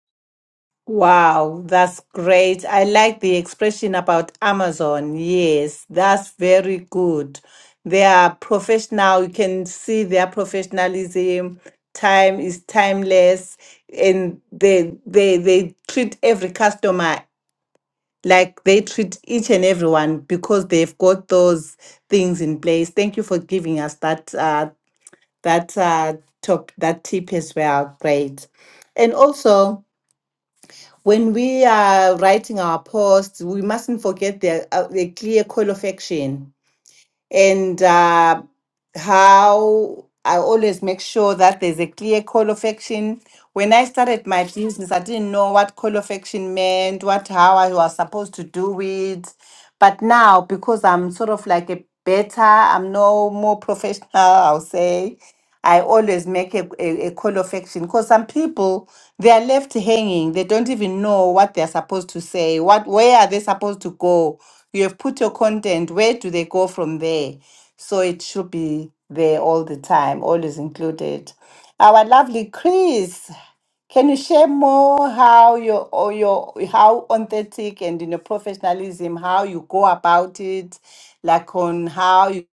Speaker 1: Wow, that's great. I like the expression about Amazon. Yes, that's very good. They are professional. You can see their professionalism. Time is timeless, and they they they treat every customer like they treat each and everyone because they've got those things in place. Thank you for giving us that uh, that uh, top that tip as well. Great, and also when we are writing our posts, we mustn't forget the, uh, the clear call of action and uh, how I always make sure that there's a clear call of action. When I started my business, I didn't know what call of action meant, what how I was supposed to do it. But now, because I'm sort of like a better, I'm no more professional, I'll say. I always make a, a, a call of action because some people they are left hanging. They don't even know what they are supposed to say. What where are they supposed to go? You have put your content. Where do they go from there? So it should be there all the time, always included. Our lovely Chris, can you share more how your or your how authentic and in your professionalism how you go about it, like on how you.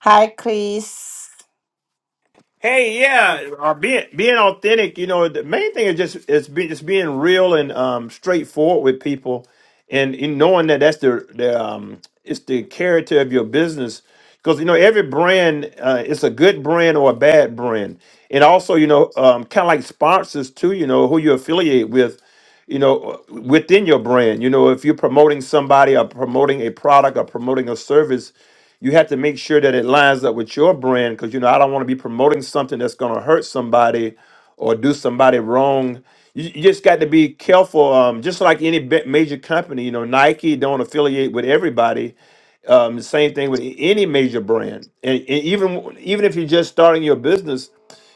Speaker 1: Hi, Chris.
Speaker 6: Hey, yeah, or being being authentic. You know, the main thing is just is be, just being real and um, straightforward with people, and, and knowing that that's the the um, it's the character of your business. Because you know, every brand uh, it's a good brand or a bad brand, and also you know, um, kind of like sponsors too. You know, who you affiliate with you know, uh, within your brand. You know, if you're promoting somebody or promoting a product or promoting a service, you have to make sure that it lines up with your brand because, you know, I don't want to be promoting something that's going to hurt somebody or do somebody wrong. You, you just got to be careful. Um, just like any bi- major company, you know, Nike don't affiliate with everybody um, same thing with any major brand, and, and even even if you're just starting your business,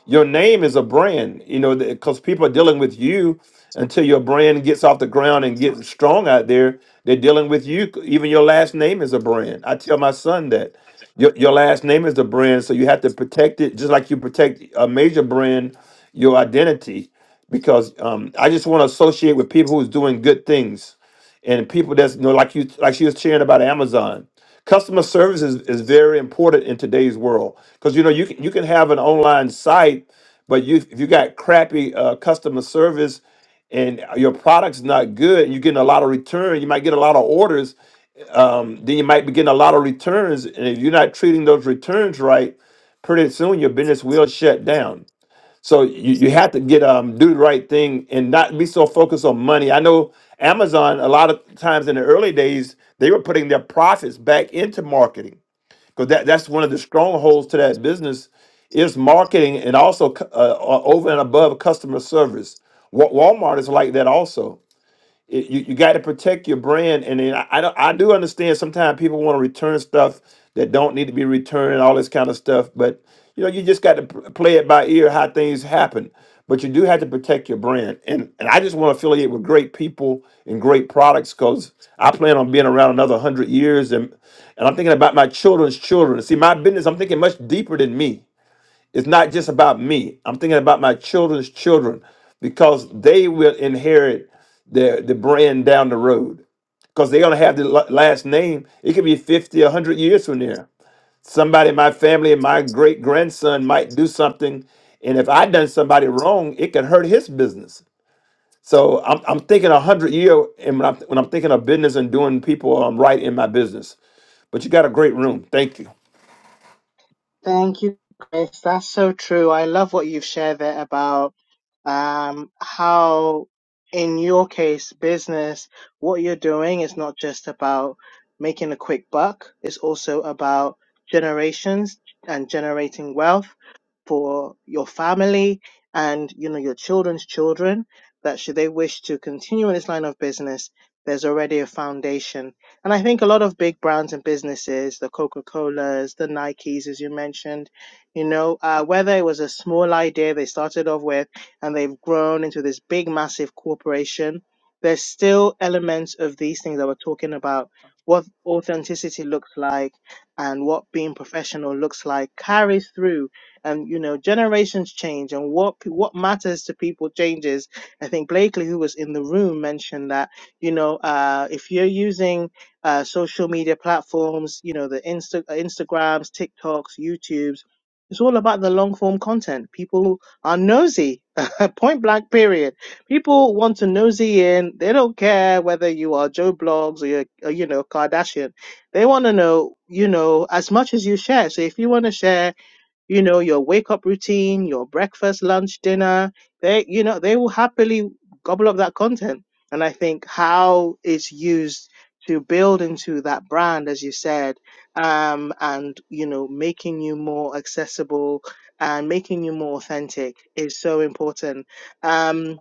Speaker 6: your name is a brand. You know, because people are dealing with you until your brand gets off the ground and gets strong out there. They're dealing with you. Even your last name is a brand. I tell my son that your your last name is a brand, so you have to protect it just like you protect a major brand, your identity. Because um, I just want to associate with people who's doing good things and people that's you know like you like she was sharing about Amazon customer service is, is very important in today's world because you know you can, you can have an online site but you if you got crappy uh, customer service and your product's not good you're getting a lot of return you might get a lot of orders um, then you might be getting a lot of returns and if you're not treating those returns right pretty soon your business will shut down so you, you have to get um do the right thing and not be so focused on money. I know Amazon a lot of times in the early days they were putting their profits back into marketing because that, that's one of the strongholds to that business is marketing and also cu- uh, uh, over and above customer service. Wa- Walmart is like that also it- you, you got to protect your brand. And then I, I, don't, I do understand sometimes people want to return stuff that don't need to be returned and all this kind of stuff. But you know, you just got to p- play it by ear how things happen. But you do have to protect your brand. And and I just want to affiliate with great people and great products because I plan on being around another hundred years. And and I'm thinking about my children's children. See, my business, I'm thinking much deeper than me. It's not just about me. I'm thinking about my children's children because they will inherit the, the brand down the road because they're going to have the la- last name. It could be 50, a 100 years from there. Somebody in my family, my great grandson might do something. And if I done somebody wrong, it could hurt his business. So I'm, I'm thinking a hundred year, and when I'm, when I'm thinking of business and doing people um, right in my business. But you got a great room. Thank you.
Speaker 2: Thank you, Grace. That's so true. I love what you've shared there about um, how, in your case, business, what you're doing is not just about making a quick buck, it's also about generations and generating wealth for your family and you know your children's children that should they wish to continue in this line of business there's already a foundation and I think a lot of big brands and businesses, the Coca Colas, the Nikes, as you mentioned, you know, uh, whether it was a small idea they started off with and they've grown into this big, massive corporation, there's still elements of these things that we're talking about what authenticity looks like and what being professional looks like carries through and you know generations change and what pe- what matters to people changes i think blakely who was in the room mentioned that you know uh if you're using uh, social media platforms, you know, the Insta- uh, Instagrams, TikToks, YouTubes. It's all about the long form content. People are nosy, point blank, period. People want to nosy in. They don't care whether you are Joe Blogs or you're, uh, you know, Kardashian. They want to know, you know, as much as you share. So if you want to share, you know, your wake up routine, your breakfast, lunch, dinner, they, you know, they will happily gobble up that content. And I think how it's used to build into that brand, as you said, um, and, you know, making you more accessible and making you more authentic is so important. Um,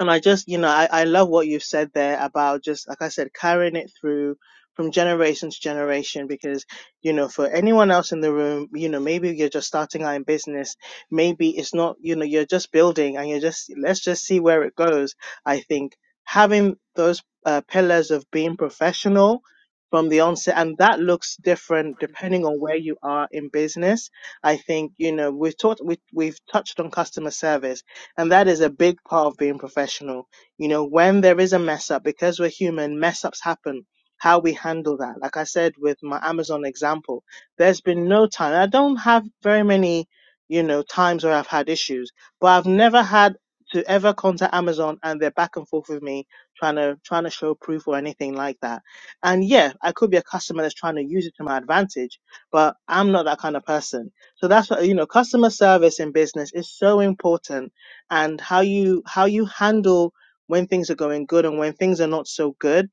Speaker 2: and I just, you know, I, I love what you've said there about just, like I said, carrying it through from generation to generation because, you know, for anyone else in the room, you know, maybe you're just starting out in business. Maybe it's not, you know, you're just building and you're just, let's just see where it goes. I think having those uh, pillars of being professional from the onset and that looks different depending on where you are in business. I think, you know, we've talked, we, we've touched on customer service and that is a big part of being professional. You know, when there is a mess up, because we're human, mess ups happen. How we handle that. Like I said with my Amazon example, there's been no time. I don't have very many, you know, times where I've had issues, but I've never had to ever contact Amazon and they're back and forth with me trying to trying to show proof or anything like that. And yeah, I could be a customer that's trying to use it to my advantage, but I'm not that kind of person. So that's what you know, customer service in business is so important and how you how you handle when things are going good and when things are not so good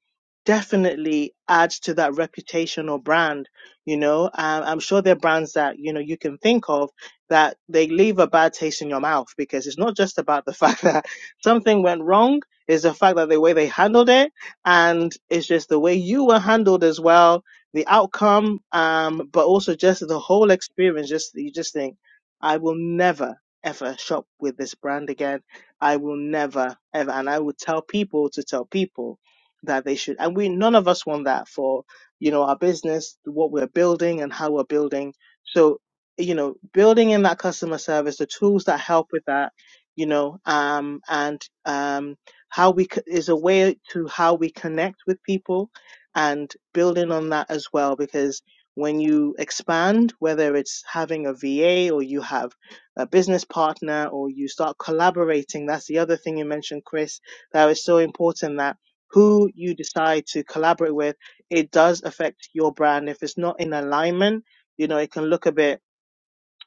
Speaker 2: definitely adds to that reputation or brand you know um, i'm sure there are brands that you know you can think of that they leave a bad taste in your mouth because it's not just about the fact that something went wrong it's the fact that the way they handled it and it's just the way you were handled as well the outcome um but also just the whole experience just you just think i will never ever shop with this brand again. I will never ever, and I will tell people to tell people that they should. And we none of us want that for you know our business, what we're building, and how we're building. So you know, building in that customer service, the tools that help with that, you know, um, and um, how we c- is a way to how we connect with people, and building on that as well because. When you expand, whether it's having a VA or you have a business partner or you start collaborating. That's the other thing you mentioned, Chris, that is so important that who you decide to collaborate with, it does affect your brand. If it's not in alignment, you know, it can look a bit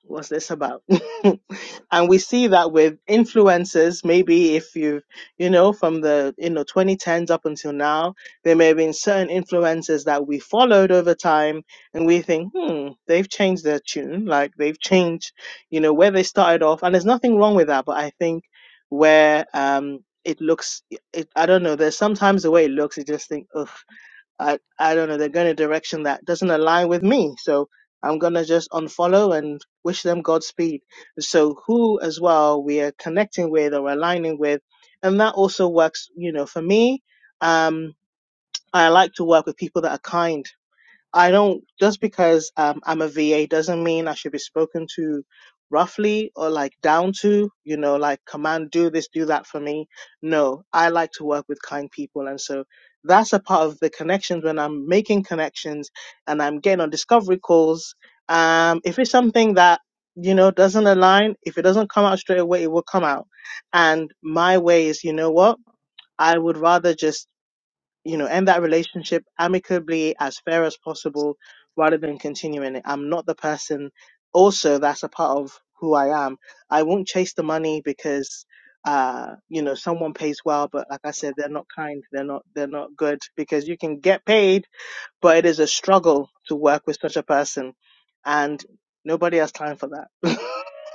Speaker 2: what's this about? and we see that with influencers, maybe if you've, you know, from the, you know, 2010s up until now, there may have been certain influencers that we followed over time and we think, hmm, they've changed their tune. Like they've changed, you know, where they started off. And there's nothing wrong with that. But I think where, um, it looks, it, I don't know, there's sometimes the way it looks, you just think, ugh I I don't know, they're going a direction that doesn't align with me. So I'm gonna just unfollow and wish them Godspeed. So who as well we are connecting with or aligning with, and that also works, you know, for me. Um I like to work with people that are kind I don't just because um, I'm a VA doesn't mean I should be spoken to roughly or like down to, you know, like command do this, do that for me. No, I like to work with kind people, and so that's a part of the connections when I'm making connections and I'm getting on discovery calls. Um, if it's something that you know doesn't align, if it doesn't come out straight away, it will come out. And my way is, you know what? I would rather just you know, end that relationship amicably as fair as possible rather than continuing it. I'm not the person also that's a part of who I am. I won't chase the money because uh, you know, someone pays well, but like I said, they're not kind, they're not they're not good because you can get paid but it is a struggle to work with such a person and nobody has time for that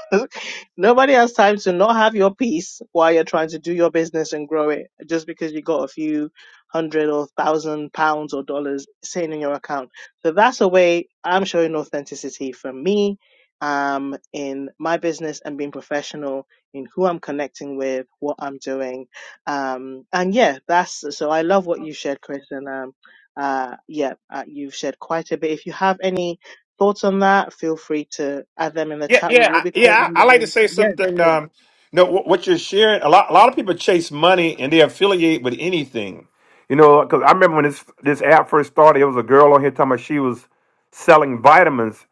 Speaker 2: nobody has time to not have your peace while you're trying to do your business and grow it just because you got a few hundred or thousand pounds or dollars sitting in your account so that's a way i'm showing authenticity from me um in my business and being professional in who i'm connecting with what i'm doing um and yeah that's so i love what you shared chris and um. Uh, yeah, uh, you've shared quite a bit. If you have any thoughts on that, feel free to add them in the
Speaker 6: Yeah,
Speaker 2: chat. We
Speaker 6: yeah,
Speaker 2: will
Speaker 6: I-
Speaker 2: be
Speaker 6: yeah.
Speaker 2: closing
Speaker 6: I,
Speaker 2: the
Speaker 6: I like to
Speaker 2: room.
Speaker 6: say
Speaker 2: Yes,
Speaker 6: something.
Speaker 2: go on.
Speaker 6: Um, no, what, what you're sharing, a lot, a lot of people chase money and they affiliate with anything. You know, because I remember when this this app first started, it was a girl on here talking about she was selling vitamins,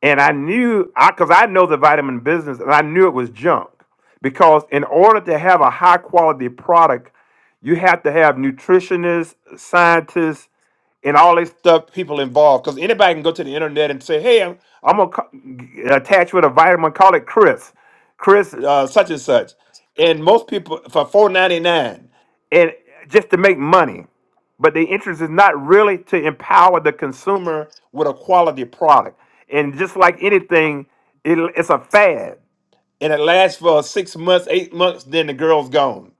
Speaker 6: and I knew I because I know the vitamin business, and I knew it was junk because in order to have a high quality product, you have to have nutritionists, scientists, and all this stuff people involved because anybody can go to the internet and say hey i'm, I'm gonna co- attach with a vitamin call it chris chris uh, such and such and most people for 4.99 and just to make money but the interest is not really to empower the consumer with a quality product and just like anything it, it's a fad and it lasts for six months eight months then the girl's gone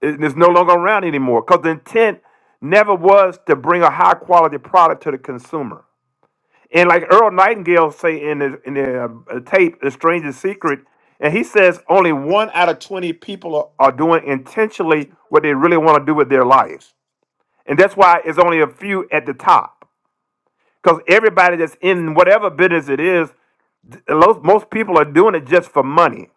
Speaker 6: it- It's no longer around anymore because the intent never was to bring a high quality product to the consumer. And like Earl Nightingale say in the, in the uh, tape, The Strangest Secret, and he says only one out of 20 people are, are doing intentionally what they really want to do with their lives. And that's why it's only a few at the top. Because everybody that's in whatever business it is, lo- most people are doing it just for money.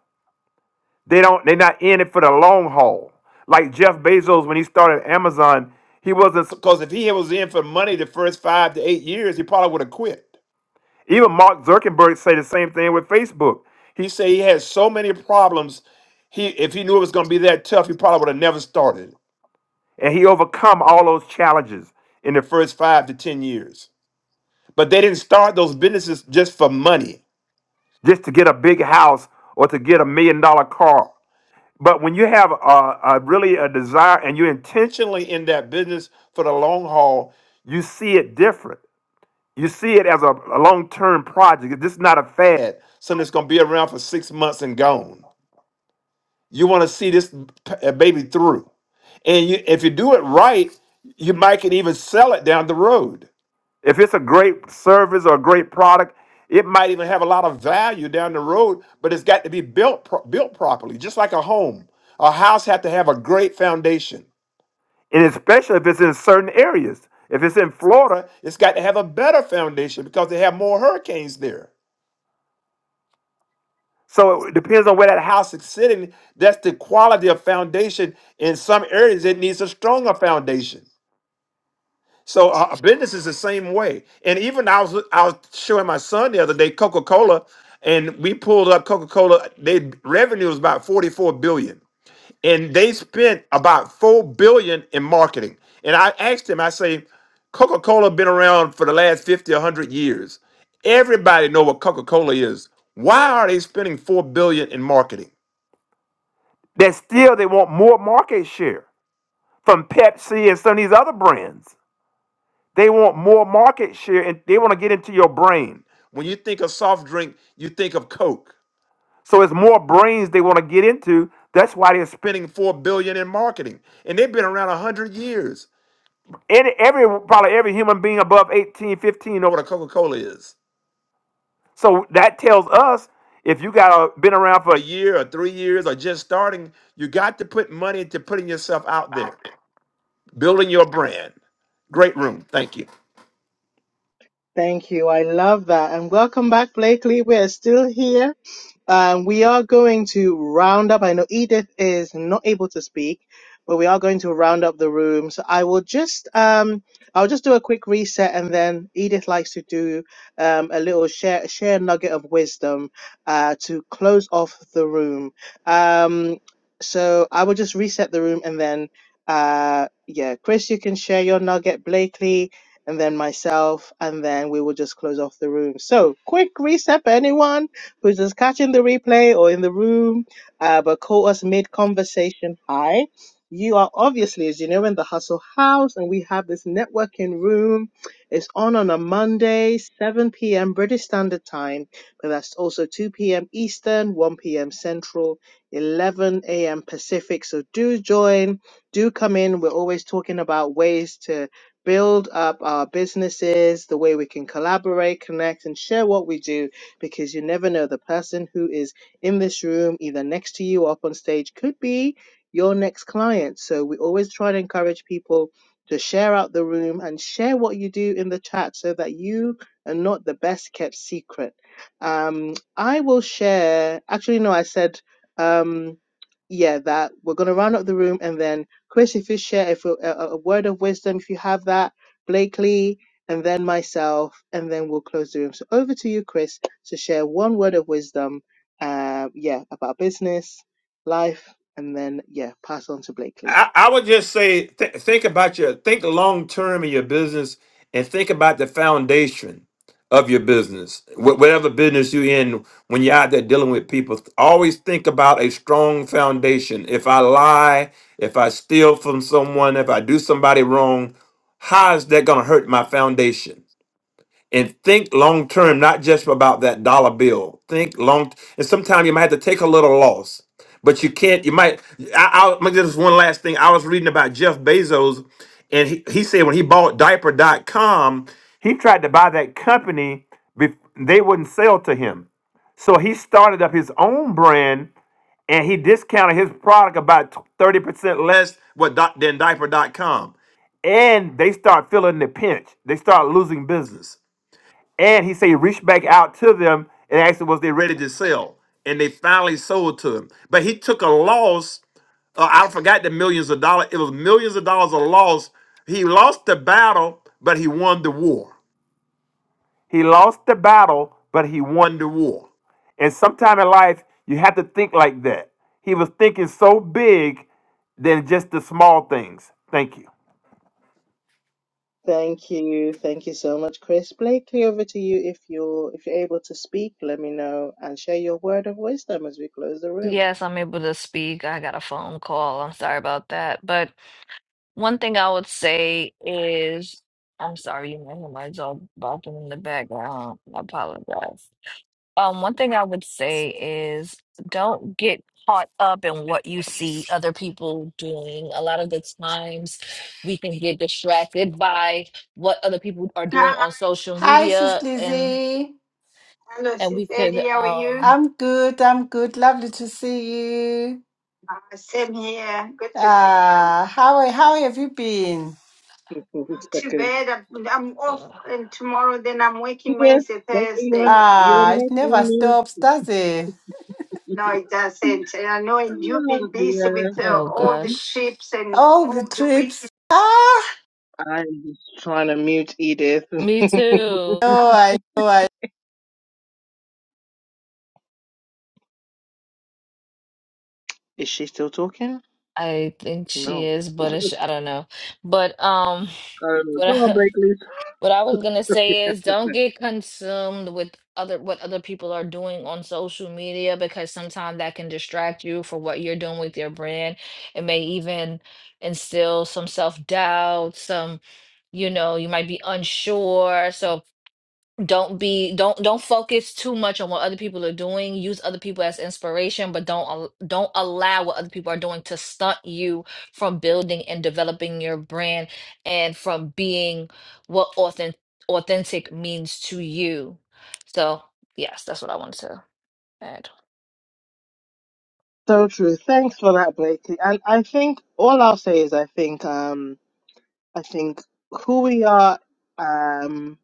Speaker 6: They don't. They're not in it for the long haul. Like Jeff Bezos when he started Amazon, he wasn't because if he was in for money the first five to eight years, he probably would have quit. Even Mark Zuckerberg say the same thing with Facebook. He said he had so many problems. He if he knew it was going to be that tough, he probably would have never started. And he overcome all those challenges in the first five to ten years. But they didn't start those businesses just for money, just to get a big house or to get a million dollar car. But when you have a, a really a desire and you're intentionally in that business for the long haul, you see it different. You see it as a, a long-term project. This is not a fad, something that's going to be around for six months and gone. You want to see this p- uh, baby through, and you, if you do it right, you might can even sell it down the road if it's a great service or a great product, it might even have a lot of value down the road, but it's got to be built pro- built properly, just like a home. A house has to have a great foundation, and especially if it's in certain areas. If it's in Florida, it's got to have a better foundation because they have more hurricanes there. So it depends on where that house is sitting. That's the quality of foundation. In some areas, it needs a stronger foundation. So uh, uh, business is the same way. And even I was I was showing my son the other day Coca Cola, and we pulled up Coca Cola. Their revenue was about forty four billion, and they spent about four billion in marketing. And I asked him, I say, Coca Cola been around for the last 50, a 100 years. Everybody know what Coca Cola is. Why are they spending four billion in marketing? That still they want more market share from Pepsi and some of these other brands. They want more market share and they want to get into your brain. When you think of soft drink, you think of Coke. So it's more brains they want to get into. That's why they're spending 4 billion in marketing. And they've been around 100 years. And every probably every human being above eighteen, fifteen, 15 know what a Coca-Cola is. So that tells us if you got a, been around for a year or 3 years or just starting, you got to put money into putting yourself out there, building your brand. Great room. Thank you.
Speaker 2: Thank you. I love that. And welcome back, Blakely. We're still here Um, we are going to round up. I know Edith is not able to speak, but we are going to round up the room. So I will just um, I'll just do a quick reset, and then Edith likes to do um, a little share share nugget of wisdom uh, to close off the room. Um, so I will just reset the room, and then uh, yeah, Chris, you can share your nugget, Blakely. And then myself, and then we will just close off the room. So, quick reset, anyone? who's just catching the replay or in the room, uh, but caught us mid conversation. Hi. You are obviously, as you know, in the Hustle House, and we have this networking room. It's on on a Monday, 7 p.m. British Standard Time, but that's also 2 p.m. Eastern, 1 p.m. Central, 11 a.m. Pacific. So do join, do come in. We're always talking about ways to build up our businesses, the way we can collaborate, connect, and share what we do because you never know the person who is in this room, either next to you or up on stage, could be your next client. So we always try to encourage people to share out the room and share what you do in the chat so that you are not the best kept secret. Um, I will share, actually, no, I said, um, yeah, that we're going to round up the room and then Chris, if you share if you- a, a a word of wisdom, if you have that, Blakely, and then myself, and then we'll close the room. So over to you, Chris to share one word of wisdom, uh, yeah, about business, life, and then, yeah, pass on to Blakely.
Speaker 6: I, I would just say th- think about your think long term in your business and think about the foundation of your business Wh- whatever business you're in when you're out there dealing with people th- always think about a strong foundation if i lie if i steal from someone if i do somebody wrong how is that going to hurt my foundation and think long term, not just about that dollar bill. Think long, and sometimes you might have to take a little loss, but you can't. You might. I, I'll make this one last thing. I was reading about Jeff Bezos, and he, he said when he bought Diaper dot com, he tried to buy that company, bef- they wouldn't sell to him. So he started up his own brand and he discounted his product about 30% less what doc- than diaper dot com. And they start feeling the pinch, they start losing business. And he said, he reached back out to them and asked them, was they ready to sell? And they finally sold to him. But he took a loss. Uh, I forgot the millions of dollars. It was millions of dollars of loss. He lost the battle, but he won the war. He lost the battle, but he won the war. And sometime in life, you have to think like that. He was thinking so big than just the small things. Thank you.
Speaker 2: Thank you. Thank you so much, Chris. Blakely, over to you if you're if you're able to speak, let me know and share your word of wisdom as we close the room.
Speaker 4: Yes, I'm able to speak. I got a phone call. I'm sorry about that. But One thing I would say is, I'm sorry, you might hear my dog barking in the background. I apologize. Um, one thing I would say is don't get caught up in what you see other people doing. A lot of the times we can get distracted by what other people are doing on social
Speaker 1: Hi, Sis
Speaker 4: media and
Speaker 1: Lizzie. Hello,
Speaker 4: and
Speaker 1: Sis
Speaker 4: we could
Speaker 1: Eddie. How are you?
Speaker 4: um
Speaker 1: I'm good. I'm good. Lovely to see you. Uh, Same here. Good to see you. Ah, how are- how have you been?
Speaker 2: One
Speaker 1: Too
Speaker 2: second.
Speaker 1: bad. I'm I'm off, and tomorrow then I'm working
Speaker 2: Yes,
Speaker 1: Wednesday,
Speaker 2: but you
Speaker 1: Thursday.
Speaker 2: are you are
Speaker 1: Ah, it
Speaker 2: not
Speaker 1: never
Speaker 2: on
Speaker 1: stops, does it? No, it
Speaker 2: mute.
Speaker 1: doesn't. And I know, and you've
Speaker 2: oh
Speaker 1: been busy with uh,
Speaker 4: oh
Speaker 1: all the
Speaker 2: dear.
Speaker 4: gosh.
Speaker 1: trips and All the all the week. trips. weekends. Ah,
Speaker 2: I'm just trying to mute Edith.
Speaker 4: Me too.
Speaker 1: no, I know. I
Speaker 2: Is she still talking?
Speaker 4: I think she
Speaker 2: No.
Speaker 4: is, but it's, I don't know. But um
Speaker 2: Oh,
Speaker 4: What
Speaker 2: go on,
Speaker 4: I,
Speaker 2: Blakely.
Speaker 4: what I was gonna say is don't get consumed with other what other people are doing on social media because sometimes that can distract you for what you're doing with your brand. It may even instill some self-doubt, some, you know, you might be unsure. So don't be don't don't focus too much on what other people are doing use other people as inspiration but don't al- don't allow what other people are doing to stunt you from building and developing your brand and from being what authentic authentic means to you so yes that's what i wanted to add
Speaker 2: So true. Thanks for that, Blakely. And I think all I'll say is I think um I think who we are um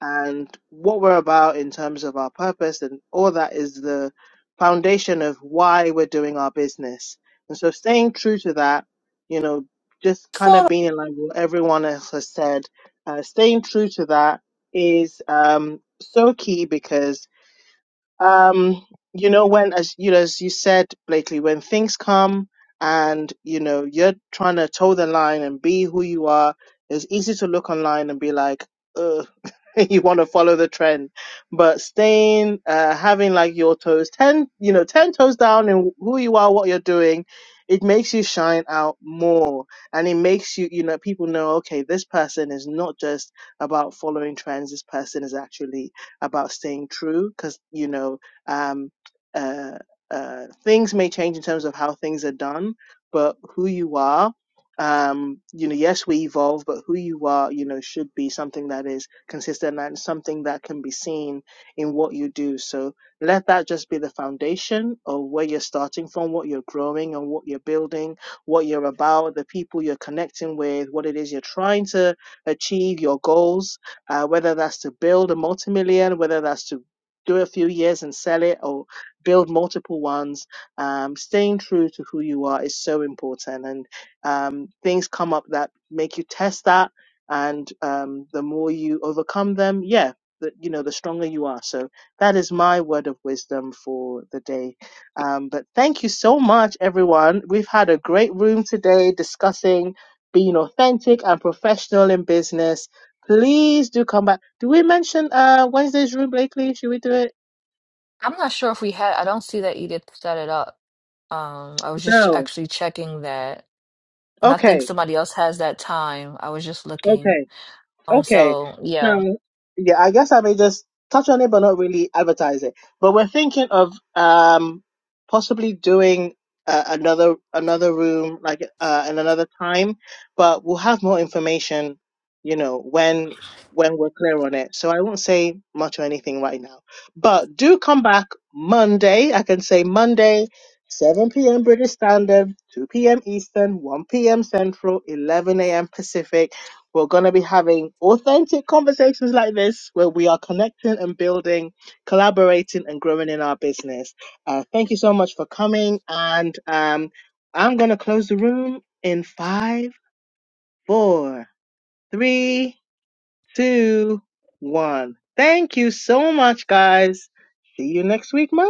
Speaker 2: and what we're about in terms of our purpose and all that is the foundation of why we're doing our business. And so staying true to that, you know, just kind
Speaker 1: know.
Speaker 2: of being in line with what everyone else has said, uh, staying true to that is um so key because um you know when as you know as you said Blakely when things come and you know you're trying to toe the line and be who you are it's easy to look online and be like Ugh, you want to follow the trend but staying uh having like your toes 10 you know 10 toes down in who you are what you're doing it makes you shine out more and it makes you you know people know okay this person is not just about following trends this person is actually about staying true because you know um, uh, uh, things may change in terms of how things are done, but who you are, um, you know, yes, we evolve, but who you are, you know, should be something that is consistent and something that can be seen in what you do. So let that just be the foundation of where you're starting from, what you're growing and what you're building, what you're about, the people you're connecting with, what it is you're trying to achieve, your goals uh, whether that's to build a multi-million, whether that's to do a few years and sell it or build multiple ones. Um, staying true to who you are is so important. And um, things come up that make you test that. And um, the more you overcome them, yeah, the, you know, the stronger you are. So that is my word of wisdom for the day. Um, but thank you so much, everyone. We've had a great room today discussing being authentic and professional in business Please do come back. Do we mention uh Wednesday's room, Blakely? Should we do it?
Speaker 4: i'm not sure if we had i don't see that edith set it up um i was just
Speaker 2: No.
Speaker 4: actually checking that and i think
Speaker 2: Okay.
Speaker 4: somebody else has that time i was just
Speaker 2: Okay.
Speaker 4: looking um
Speaker 2: Okay.
Speaker 4: so yeah
Speaker 2: So yeah, I guess I may just touch on it but not really advertise it. But we're thinking of um possibly doing uh, another another room like uh in another time, but we'll have more information, you know, when when we're clear on it. So I won't say much or anything right now. But do come back Monday. I can say Monday 7 p.m. British Standard, 2 p.m. Eastern, 1 p.m. Central, 11 a.m. Pacific we're going to be having authentic conversations like this where we are connecting and building, collaborating and growing in our business. Uh, thank you so much for coming. And um, I'm going to close the room in five, four, three, two, one. Thank you so much, guys. See you next week, Monday.